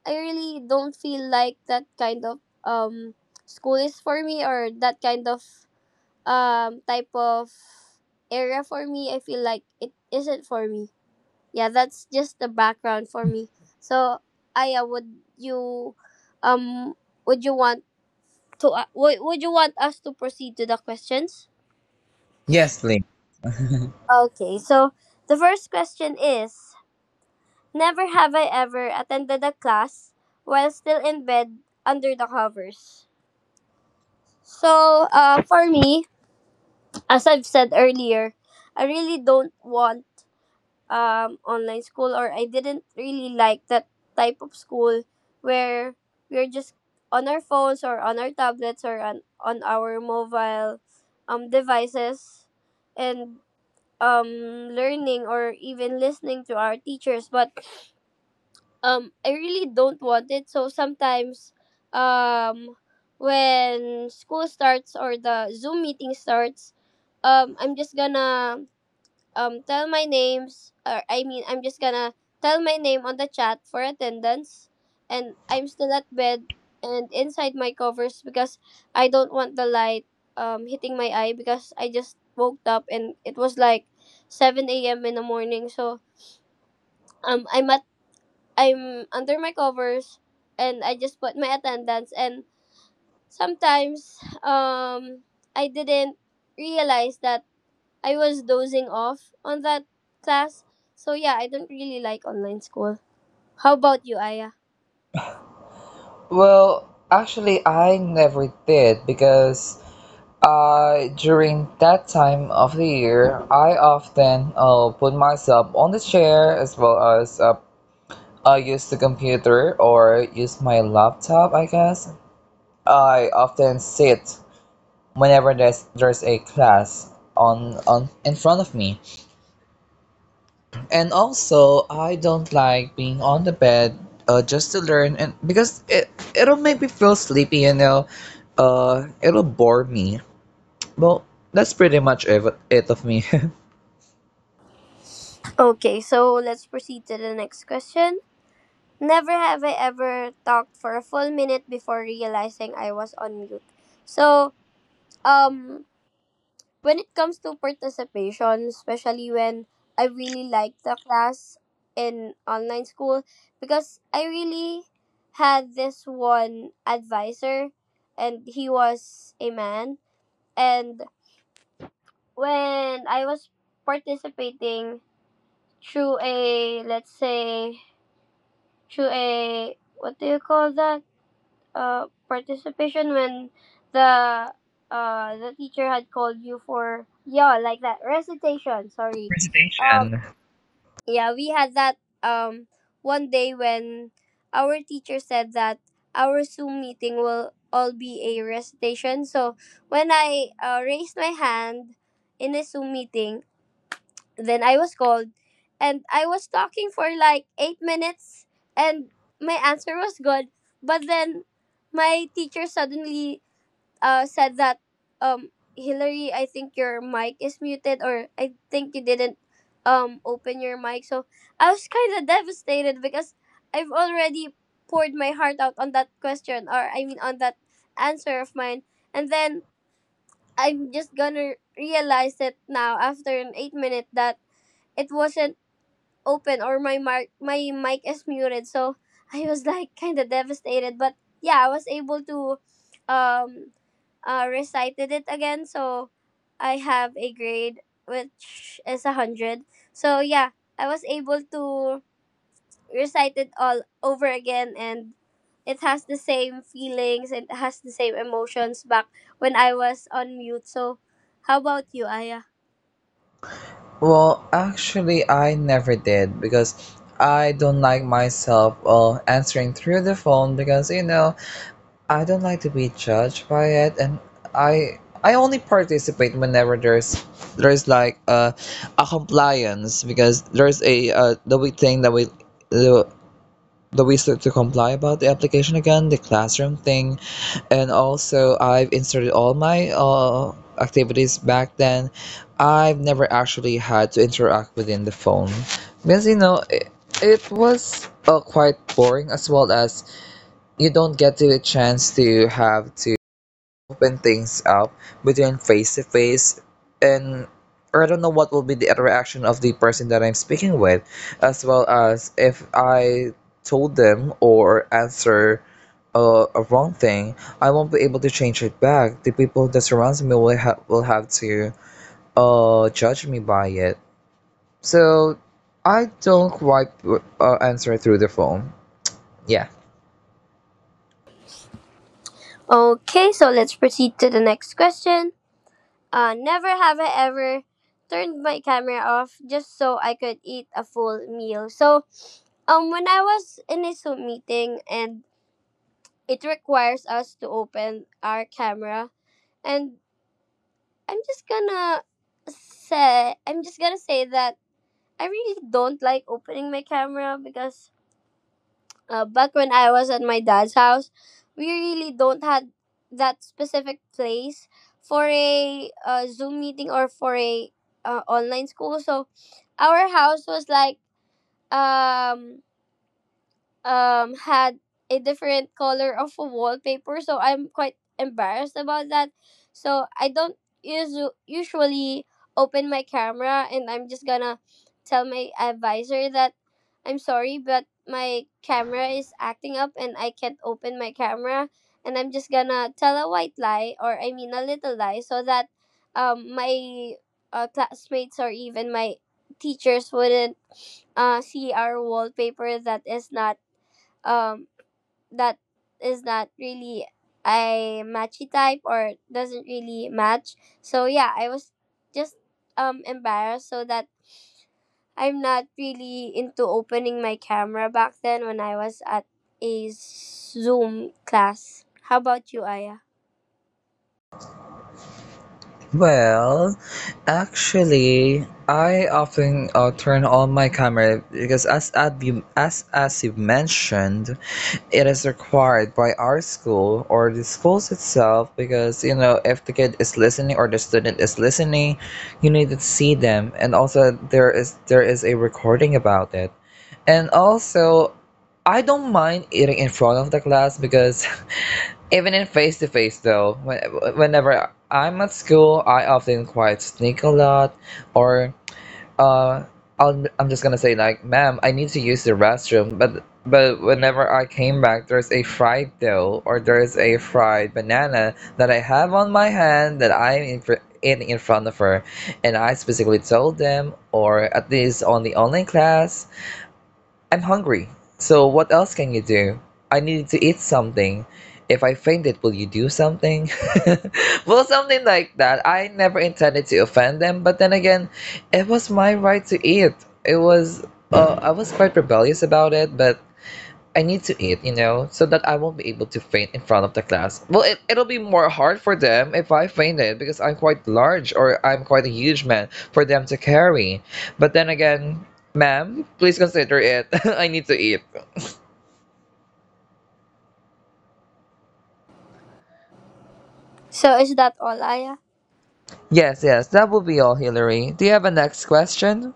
Speaker 2: I really don't feel like that kind of school is for me or that kind of type of area for me. I feel like it isn't for me. Yeah, that's just the background for me. So, Aya, you um would you want to would you want us to proceed to the questions? Okay, so the first question is, never have I ever attended a class while still in bed under the covers. So, for me, as I've said earlier, I really don't want online school, or I didn't really like that type of school where we're just on our phones or on our tablets or on our mobile, devices, and um, learning or even listening to our teachers. But I really don't want it. So sometimes, um, when school starts or the Zoom meeting starts, I'm just gonna tell my names, or I mean I'm just gonna tell my name on the chat for attendance, and I'm still at bed and inside my covers because I don't want the light hitting my eye because I just woke up and it was like 7 a.m. in the morning. So um I'm at I'm under my covers and I just put my attendance, and sometimes um I didn't realize that I was dozing off on that class. So yeah, I don't really like online school. How about you, Aya?
Speaker 1: Well, actually, I never did because during that time of the year, I often put myself on the chair, as well as I use the computer or use my laptop, I guess. I often sit whenever there's a class on in front of me. And also, I don't like being on the bed just to learn and because it'll make me feel sleepy. It'll bore me. Well, that's pretty much it of me.
Speaker 2: Okay, so let's proceed to the next question. Never have I ever talked for a full minute before realizing I was on mute. So, um, when it comes to participation, especially when I really like the class in online school, because I really had this one advisor and he was a man. And when I was participating through a, let's say, through a, what do you call that? Participation, when the the teacher had called you for, yeah, like that, recitation, sorry. Um,
Speaker 1: Presentation.
Speaker 2: yeah, we had that um, one day when our teacher said that our Zoom meeting will all be a recitation. So when I raised my hand in a Zoom meeting, then I was called, and I was talking for like 8 minutes, and my answer was good. But then my teacher suddenly said that, um, Hillary, I think your mic is muted, or I think you didn't open your mic. So I was kind of devastated because I've already poured my heart out on that question, or I mean on that answer of mine. And then I'm just gonna realize it now after an 8 minute that it wasn't open, or my mic is muted. So I was like kind of devastated, but yeah, I was able to um recited it again. So I have a grade which is 100. So yeah, I was able to recite it all over again, and it has the same feelings. It has the same emotions back when I was on mute. So how about you, Aya?
Speaker 1: Well, actually, I never did because I don't like myself well answering through the phone because you know I don't like to be judged by it, and I only participate whenever there's like a compliance because there's a the thing that we the the wizard to comply about the application again, the classroom thing, and also I've inserted all my activities back then. I've never actually had to interact within the phone because you know it was quite boring as well as you don't get the chance to have to open things up between face to face and or I don't know what will be the reaction of the person that I'm speaking with, as well as if I told them or answer a, a wrong thing, I won't be able to change it back. The people that surrounds me will will have to judge me by it. So I don't quite answer through the phone. Yeah.
Speaker 2: Okay, so let's proceed to the next question. Never have I ever turned my camera off just so I could eat a full meal. So, when I was in a Zoom meeting and it requires us to open our camera, and I'm just gonna I'm just gonna say that I really don't like opening my camera, because back when I was at my dad's house, we really don't had that specific place for a Zoom meeting or for a online school. So our house was like um had a different color of a wallpaper, so I'm quite embarrassed about that. So I don't usually open my camera, and I'm just gonna tell my advisor that I'm sorry, but my camera is acting up and I can't open my camera. And I'm just gonna tell a white lie, or I mean a little lie, so that my classmates or even my teachers wouldn't see our wallpaper um that is not really a matchy type, or doesn't really match. So yeah, I was just embarrassed, so that I'm not really into opening my camera back then when I was at a Zoom class. How about you, Aya?
Speaker 1: Well, actually, I often turn on my camera because, as you mentioned, it is required by our school or the schools itself. Because if the kid is listening or the student is listening, you need to see them, and also there is a recording about it. And also, I don't mind eating in front of the class because even in face to face, though, whenever I'm at school, I often quite sneak a lot, or uh, I'm just gonna say like, "Ma'am, I need to use the restroom," but whenever I came back, there's a fried dough or there's a fried banana that I have on my hand that I'm in fr in front of her, and I specifically told them, or at least on the online class, I'm hungry. So what else can you do? I need to eat something. If I fainted, will you do something? Well, something like that. I never intended to offend them, but then again, it was my right to eat. It was I was quite rebellious about it, but I need to eat, so that I won't be able to faint in front of the class. Well, it'll be more hard for them if I fainted because I'm quite large or I'm quite a huge man for them to carry. But then again, ma'am, please consider it. I need to eat.
Speaker 2: So is that all, Aya?
Speaker 1: Yes, yes, that will be all, Hillary. Do you have a next question?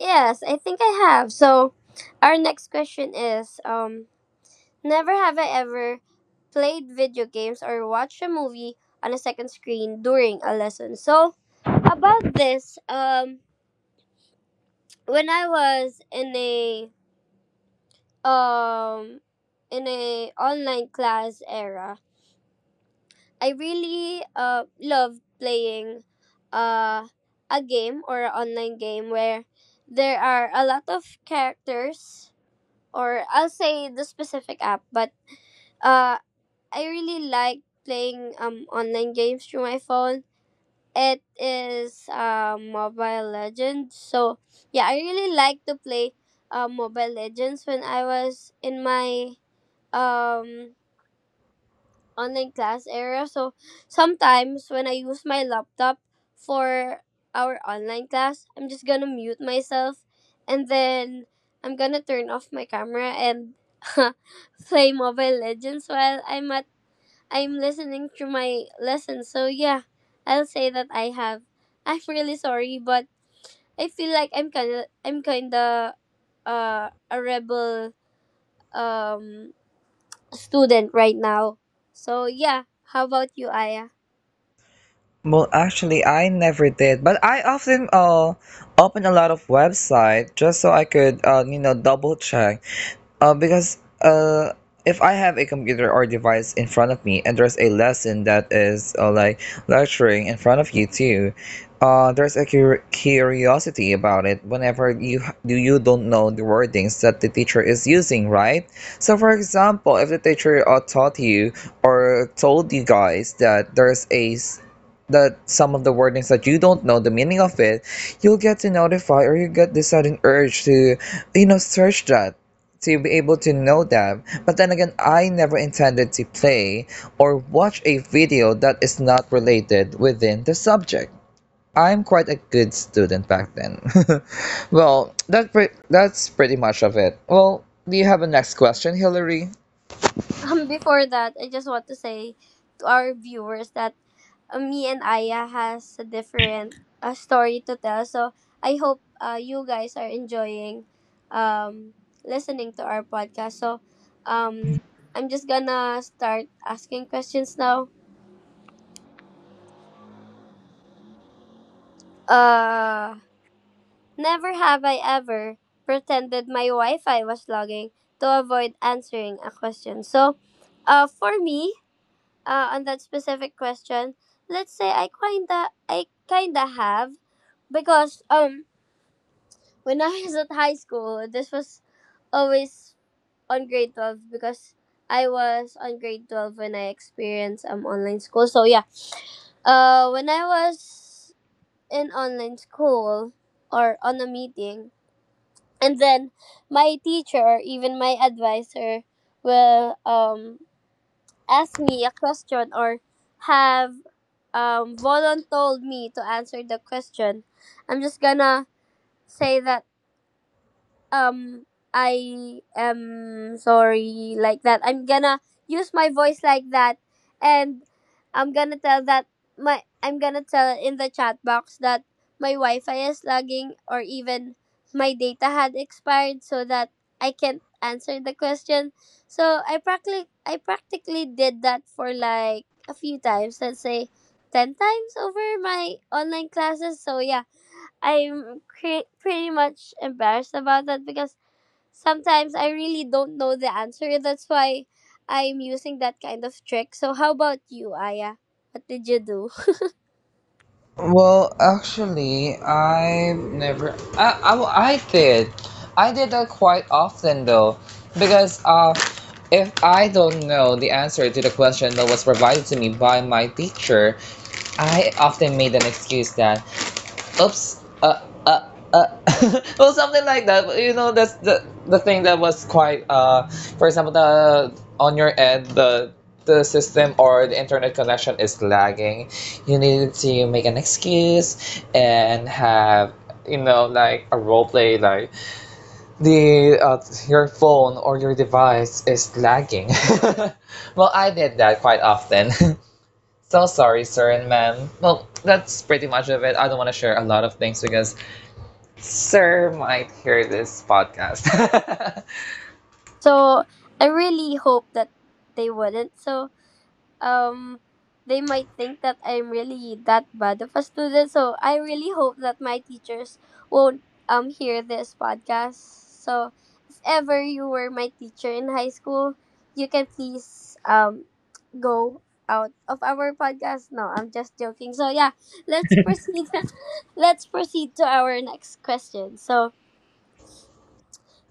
Speaker 2: Yes, I think I have. So our next question is, never have I ever played video games or watched a movie on a second screen during a lesson. So, about this, when I was um in a online class era, I really loved playing uh a game or an online game where there are a lot of characters. Or I'll say the specific app, but uh I really like playing online games through my phone. It is Mobile Legends. So yeah, I really like to play Mobile Legends when I was in my um online class area. So sometimes when I use my laptop for our online class, I'm just gonna mute myself and then I'm gonna turn off my camera and play Mobile Legends while I'm listening through my lesson. So yeah, I'll say that I have. I'm really sorry, but I feel like I'm kinda a rebel um student right now. So yeah, how about you, Aya?
Speaker 1: Well, actually, I never did, but I often open a lot of website just so I could double check. Because if I have a computer or device in front of me and there's a lesson that is like lecturing in front of you too, there's a curiosity about it whenever you don't know the wordings that the teacher is using, right? So for example, if the teacher taught you or told you guys that there's a that some of the wordings that you don't know the meaning of it, you'll get to notify or you get this sudden urge to search that to be able to know them. But then again, I never intended to play or watch a video that is not related within the subject. I'm quite a good student back then. Well, that's pretty much of it. Well, do you have a next question, Hillary?
Speaker 2: Before that, I just want to say to our viewers that me and Aya has a different story to tell. So I hope you guys are enjoying um, listening to our podcast. So um, I'm just gonna start asking questions now. Uh, Never have I ever pretended my Wi-Fi was logging to avoid answering a question. So, for me, on that specific question, let's say I kinda have, because when I was at high school, this was always on grade 12 because I was on grade 12 when I experienced online school. So yeah, when I was in online school or on a meeting, and then my teacher or even my advisor will ask me a question or have, Volon told me to answer the question, I'm just gonna say that, um I am sorry, like that. I'm gonna use my voice like that, and I'm gonna tell that I'm gonna tell in the chat box that my Wi-Fi is lagging or even my data had expired, so that I can't answer the question. So I practically did that for like a few times, let's say 10 times over my online classes. So yeah, I'm pretty much embarrassed about that because sometimes I really don't know the answer. That's why I'm using that kind of trick. So, how about you, Aya? What did you do?
Speaker 1: Well, actually, I've never. Well, I did. I did that quite often, though. Because if I don't know the answer to the question that was provided to me by my teacher, I often made an excuse that oops uh well, something like that's the thing that was quite for example, the on your end the system or the internet connection is lagging, you need to make an excuse and have like a role play, like the your phone or your device is lagging. Well, I did that quite often. So sorry, sir and ma'am. Well, that's pretty much of it. I don't want to share a lot of things because sir might hear this podcast.
Speaker 2: So, I really hope that they wouldn't. So, um, they might think that I'm really that bad of a student. So, I really hope that my teachers won't hear this podcast. So, if ever you were my teacher in high school, you can please go out of our podcast. No, I'm just joking. So yeah, let's proceed. let's proceed to our next question. So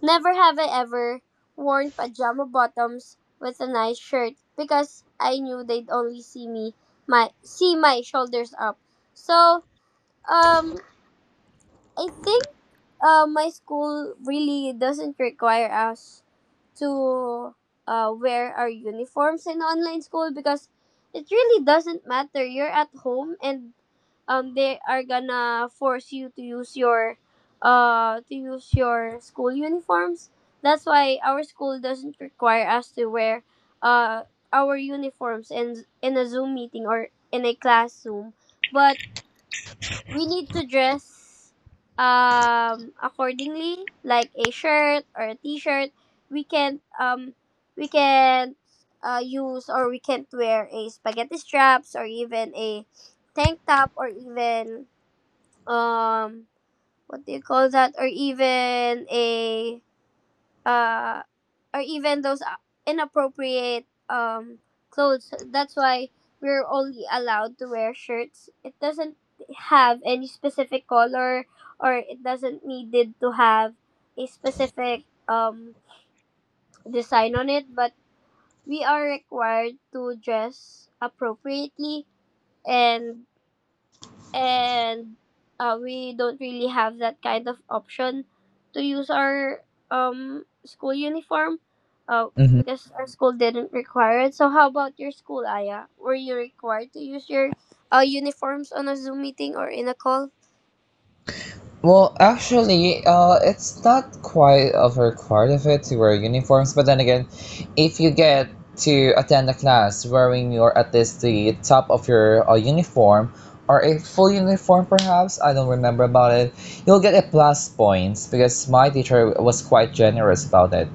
Speaker 2: never have I ever worn pajama bottoms with a nice shirt because I knew they'd only see my shoulders up. So um I think my school really doesn't require us to wear our uniforms in online school because it really doesn't matter. You're at home, and they are gonna force you to use your school uniforms. That's why our school doesn't require us to wear uh our uniforms in a Zoom meeting or in a class Zoom. But we need to dress accordingly, like a shirt or a t-shirt we can um we can use, or we can't wear a spaghetti straps or even a tank top, or even um what do you call that, or even a uh, or even those inappropriate, clothes. That's why we're only allowed to wear shirts. It doesn't have any specific color, or it doesn't needed to have a specific design on it. But we are required to dress appropriately and and we don't really have that kind of option to use our school uniform uh,
Speaker 1: hmm
Speaker 2: because our school didn't require it. So how about your school, Aya? Were you required to use your uniforms on a Zoom meeting or in a call?
Speaker 1: Well, actually, it's not quite a required of it to wear uniforms, but then again, if you get to attend a class wearing your at least the top of your uniform or a full uniform perhaps, I don't remember about it, you'll get a plus points because my teacher was quite generous about it.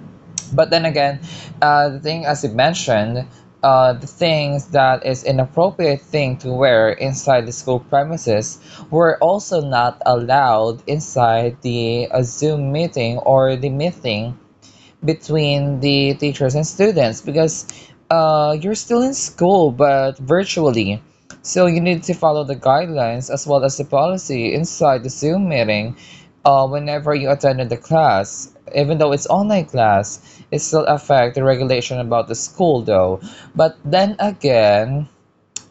Speaker 1: But then again, the thing as you mentioned, the things that is inappropriate thing to wear inside the school premises were also not allowed inside the Zoom meeting or the meeting between the teachers and students because you're still in school but virtually. So you need to follow the guidelines as well as the policy inside the Zoom meeting whenever you attended the class. Even though it's online class, it still affect the regulation about the school though. But then again,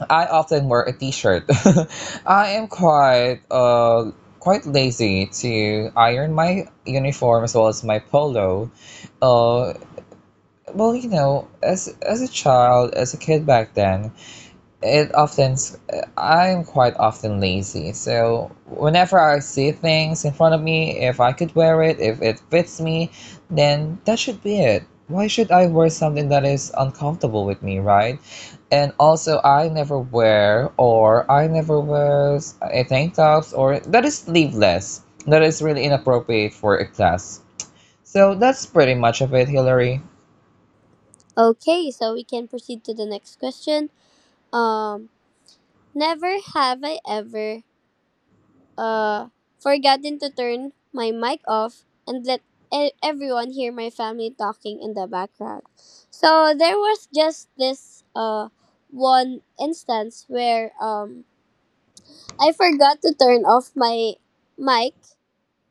Speaker 1: I often wear a t-shirt. I am quite quite lazy to iron my uniform as well as my polo. Uh well, as a child, as a kid back then, it often I I'm quite often lazy, so whenever I see things in front of me, if I could wear it, if it fits me, then that should be it. Why should I wear something that is uncomfortable with me, right? And also, I never wear or I never wear a tank tops or that is sleeveless, that is really inappropriate for a class. So that's pretty much of it, Hillary.
Speaker 2: Okay, so we can proceed to the next question. Um, never have I ever uh, forgotten to turn my mic off and let everyone hear my family talking in the background. So there was just this one instance where I forgot to turn off my mic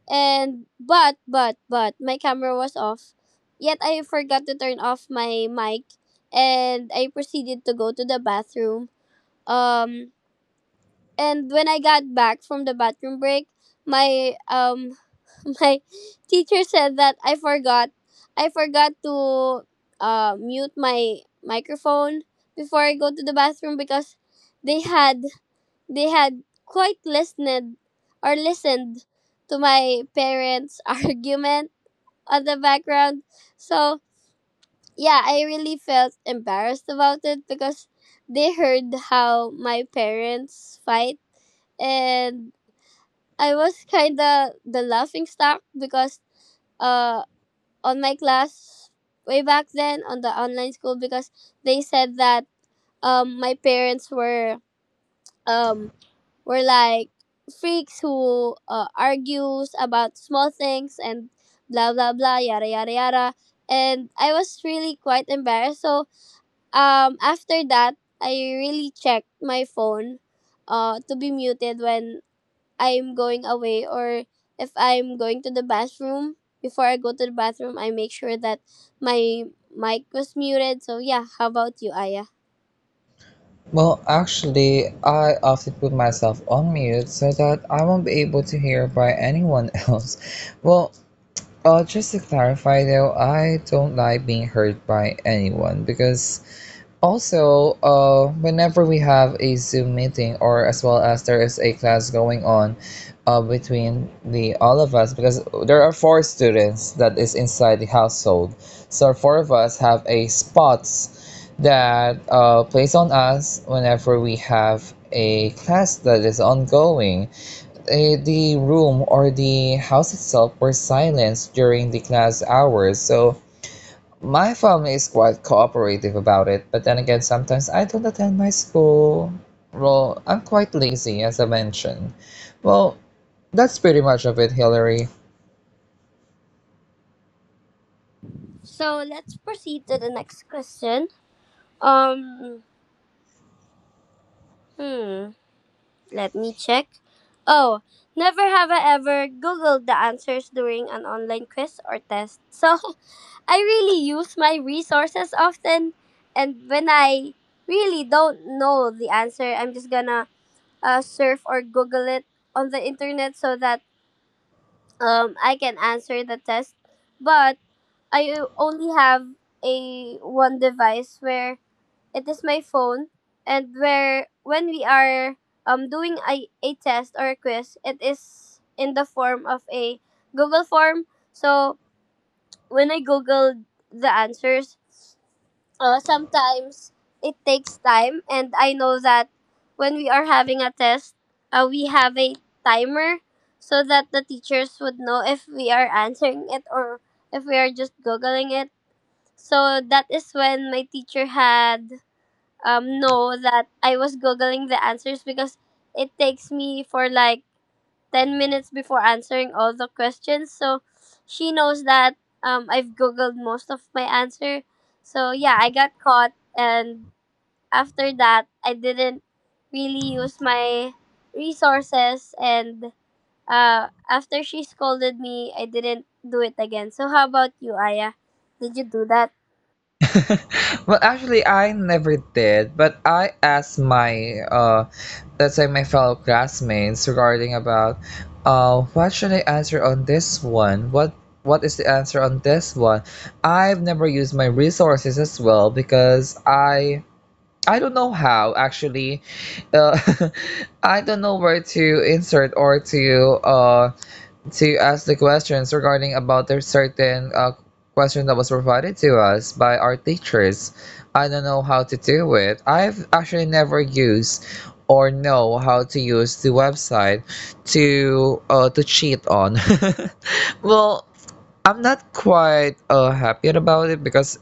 Speaker 2: and but my camera was off. Yet I forgot to turn off my mic and I proceeded to go to the bathroom. Um and when I got back from the bathroom break, my um my teacher said that I forgot to mute my microphone before I go to the bathroom because they had they had quite listened or listened to my parents' argument on the background. So yeah, I really felt embarrassed about it because they heard how my parents fight and I was kinda the laughing stock because uh on my class way back then on the online school because they said that my parents um were like freaks who argues about small things and blah blah blah yada yada yada and I was really quite embarrassed, so after that I really checked my phone to be muted when I'm going away or if I'm going to the bathroom. Before I go to the bathroom, I make sure that my mic was muted. So yeah, how about you, Aya?
Speaker 1: Well, actually, I often put myself on mute so that I won't be able to hear by anyone else. Well, just to clarify though, I don't like being heard by anyone because also, whenever we have a Zoom meeting, or as well as there is a class going on between the all of us, because there are four students that is inside the household, so four of us have a spots that place on us whenever we have a class that is ongoing. The room or the house itself were silenced during the class hours, so my family is quite cooperative about it, but then again, sometimes I don't attend my school. Well, I'm quite lazy, as I mentioned. Well, that's pretty much of it, Hillary.
Speaker 2: So let's proceed to the next question. Um, hmm, let me check. Oh, never have I ever googled the answers during an online quiz or test. So I really use my resources often, and when I really don't know the answer, I'm just gonna surf or Google it on the internet so that I can answer the test. But I only have a one device where it is my phone, and where when we are doing a test or a quiz, it is in the form of a Google form. So when I googled the answers, sometimes it takes time, and I know that when we are having a test we have a timer so that the teachers would know if we are answering it or if we are just googling it. So that is when my teacher had know that I was googling the answers because it takes me for like 10 minutes before answering all the questions. So she knows that I've Googled most of my answer. So yeah, I got caught. And after that, I didn't really use my resources. And after she scolded me, I didn't do it again. So how about you, Aya? Did you do that?
Speaker 1: Well, actually, I never did, but I asked let's say my fellow classmates regarding about, what should I answer on this one? What is the answer on this one? I've never used my resources as well because I don't know how actually. Uh, I don't know where to insert or uh, to ask the questions regarding about the certain question that was provided to us by our teachers. I don't know how to do it. I've actually never used or know how to use the website to cheat on. Well, I'm not quite happy about it because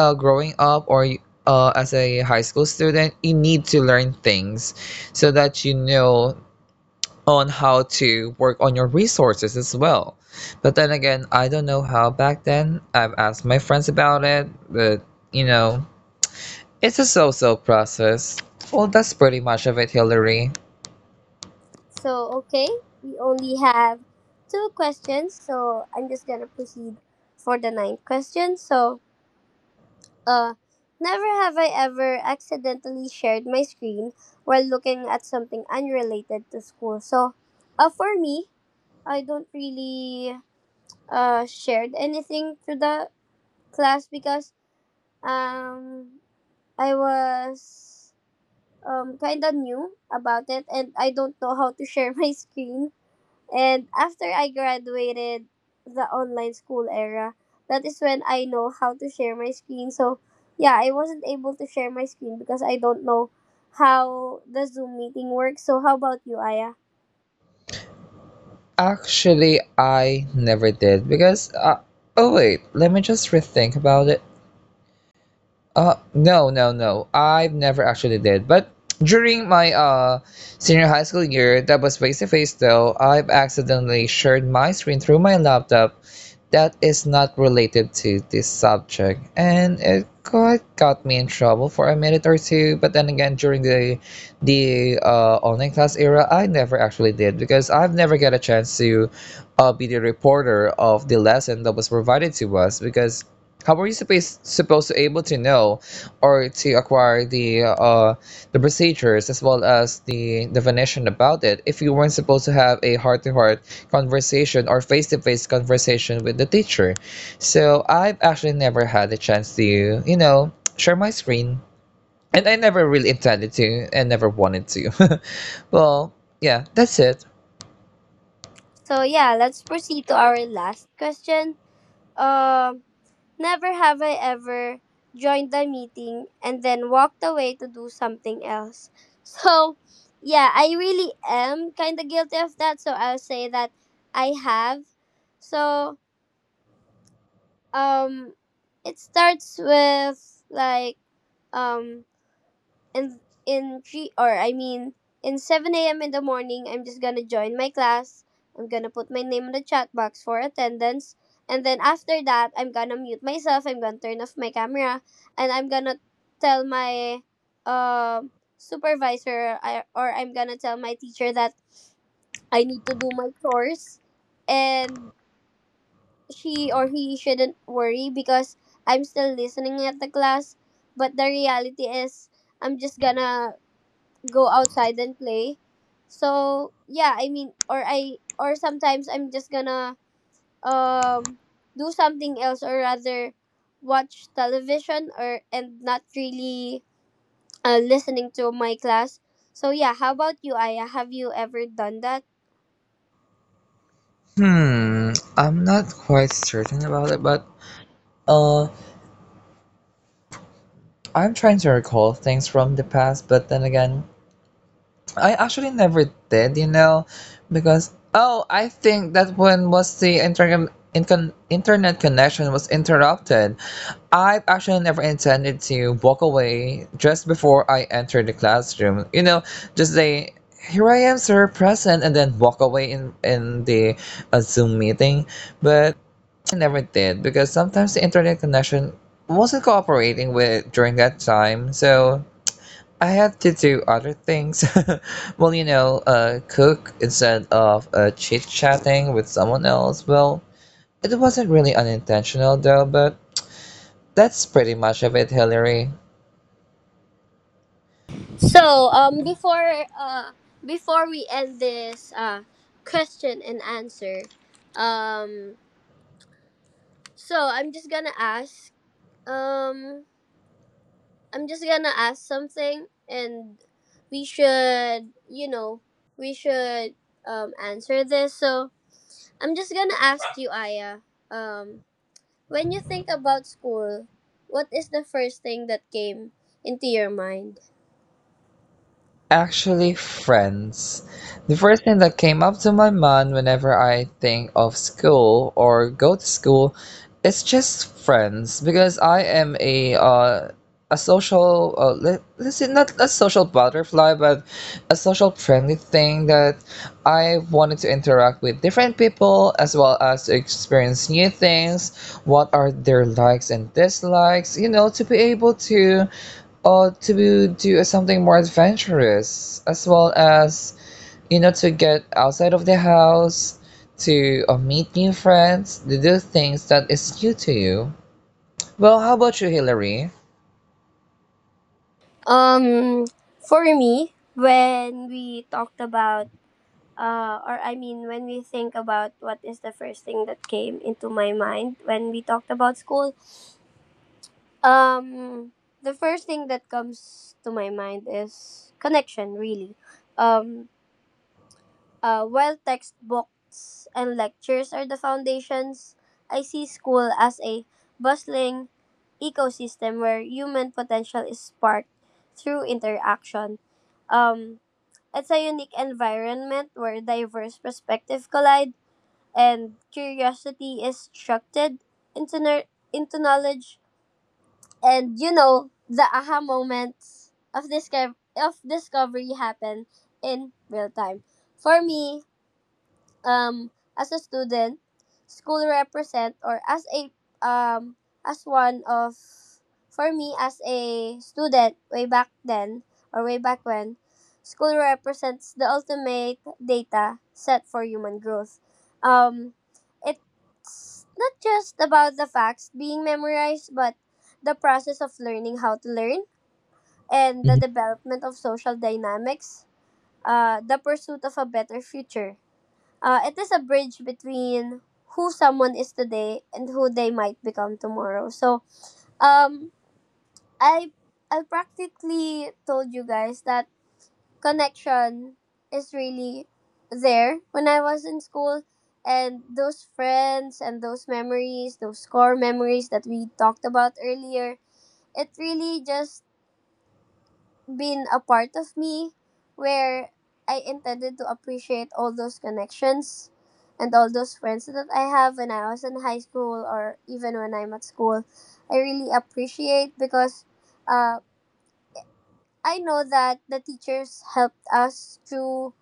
Speaker 1: growing up or as a high school student, you need to learn things so that you know on how to work on your resources as well. But then again, I don't know how back then. I've asked my friends about it, but you know, it's a so so process. Well, that's pretty much of it, Hillary.
Speaker 2: So, okay, we only have two questions. So I'm just going to proceed for the ninth question. So, Uh, never have I ever accidentally shared my screen while looking at something unrelated to school. So, for me, I don't really shared anything to the class because um I was kind of new about it and I don't know how to share my screen, and after I graduated the online school era, that is when I know how to share my screen. So, yeah, I wasn't able to share my screen because I don't know how the Zoom meeting works. So, how about you, Aya?
Speaker 1: Actually, I never did because. Oh, wait, let me just rethink about it. No, no, no. I've never actually did. But during my senior high school year, that was face to face though, I've accidentally shared my screen through my laptop that is not related to this subject. And it quite got me in trouble for a minute or two. But then again, during the online class era, I never actually did because I've never got a chance to be the reporter of the lesson that was provided to us. Because how were you supposed to able to know or to acquire the procedures as well as the definition about it if you weren't supposed to have a heart to heart conversation or face to face conversation with the teacher? So I've actually never had a chance to share my screen, and I never really intended to and never wanted to. Well, yeah, that's it.
Speaker 2: So, yeah, let's proceed to our last question. Um, Never have I ever joined the meeting and then walked away to do something else. So, yeah, I really am kind of guilty of that. So, I'll say that I have. So, um, it starts with like, um, and in three, or I mean in 7 a.m. in the morning, I'm just gonna join my class. I'm gonna put my name in the chat box for attendance, and then after that, I'm gonna mute myself. I'm gonna turn off my camera, and I'm gonna tell my uh, supervisor or I'm gonna tell my teacher that I need to do my chores, and she or he shouldn't worry because I'm still listening at the class. But the reality is, I'm just gonna go outside and play. So yeah, I mean, or I or sometimes I'm just gonna um do something else or rather watch television or and not really listening to my class. So yeah, how about you, Aya? Have you ever done that?
Speaker 1: I'm not quite certain about it, but uh, I'm trying to recall things from the past, but then again, I actually never did, because oh, I think that when was the internet connection was interrupted. I actually never intended to walk away just before I entered the classroom. You know, just say, "Here I am, sir, present," and then walk away in the Zoom meeting. But I actually never did because sometimes the internet connection wasn't cooperating with during that time. So I had to do other things. Well, cook instead of chit chatting with someone else. Well, it wasn't really unintentional though, but that's pretty much of it, Hillary.
Speaker 2: So before we end this question and answer, um so I'm just gonna ask um I'm just gonna ask something, and we should, you know, we should answer this. So I'm just gonna ask you, Aya. When you think about school, what is the first thing that came into your mind?
Speaker 1: Actually, friends. The first thing that came up to my mind whenever I think of school or go to school is just friends, because I am a social let's say not a social butterfly but a social friendly thing, that I wanted to interact with different people as well as to experience new things, what are their likes and dislikes, to be able to or to do something more adventurous, as well as to get outside of the house to meet new friends, to do things that is new to you. Well, how about you, Hillary?
Speaker 2: Um, for me, when we talked about, when we think about what is the first thing that came into my mind when we talked about school, Um, the first thing that comes to my mind is connection, really. Um, while textbooks and lectures are the foundations, I see school as a bustling ecosystem where human potential is sparked through interaction. Um, it's a unique environment where diverse perspectives collide and curiosity is instructed into, into knowledge, and you know the aha moments of discovery happen in real time. For me, um as a student school represent, or as a um as one of for me as a student way back then or way back when school represents the ultimate data set for human growth. um it's not just about the facts being memorized, but the process of learning how to learn, and the
Speaker 1: Mhm.
Speaker 2: development of social dynamics, the pursuit of a better future. It is a bridge between who someone is today and who they might become tomorrow. So, um, I I practically told you guys that connection is really there when I was in school, and those friends and those memories, those core memories that we talked about earlier, it really just been a part of me where I intended to appreciate all those connections and all those friends that I have when I was in high school or even when I'm at school. I really appreciate, because uh, I know that the teachers helped us through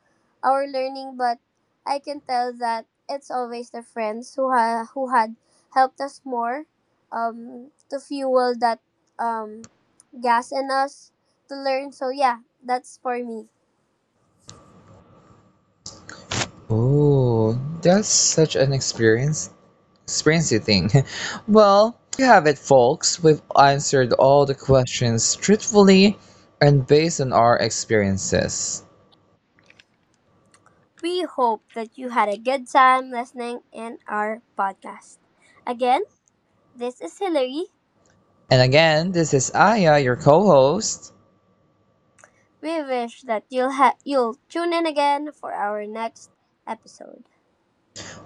Speaker 2: our learning, but I can tell that it's always the friends who had helped us more to fuel that um, gas in us to learn. So yeah, that's for me.
Speaker 1: Oh, that's such an experiencey thing. Well, there you have it, folks. We've answered all the questions truthfully and based on our experiences,
Speaker 2: We hope that you had a good time listening in our podcast. Again, this is Hillary.
Speaker 1: and again, this is Aya, your co-host.
Speaker 2: We wish that you'll tune in again for our next episode.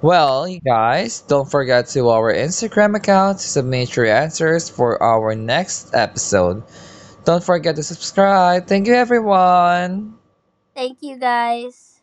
Speaker 1: Well, you guys, don't forget to our Instagram account to submit your answers for our next episode. Don't forget to subscribe. Thank you, everyone.
Speaker 2: Thank you guys.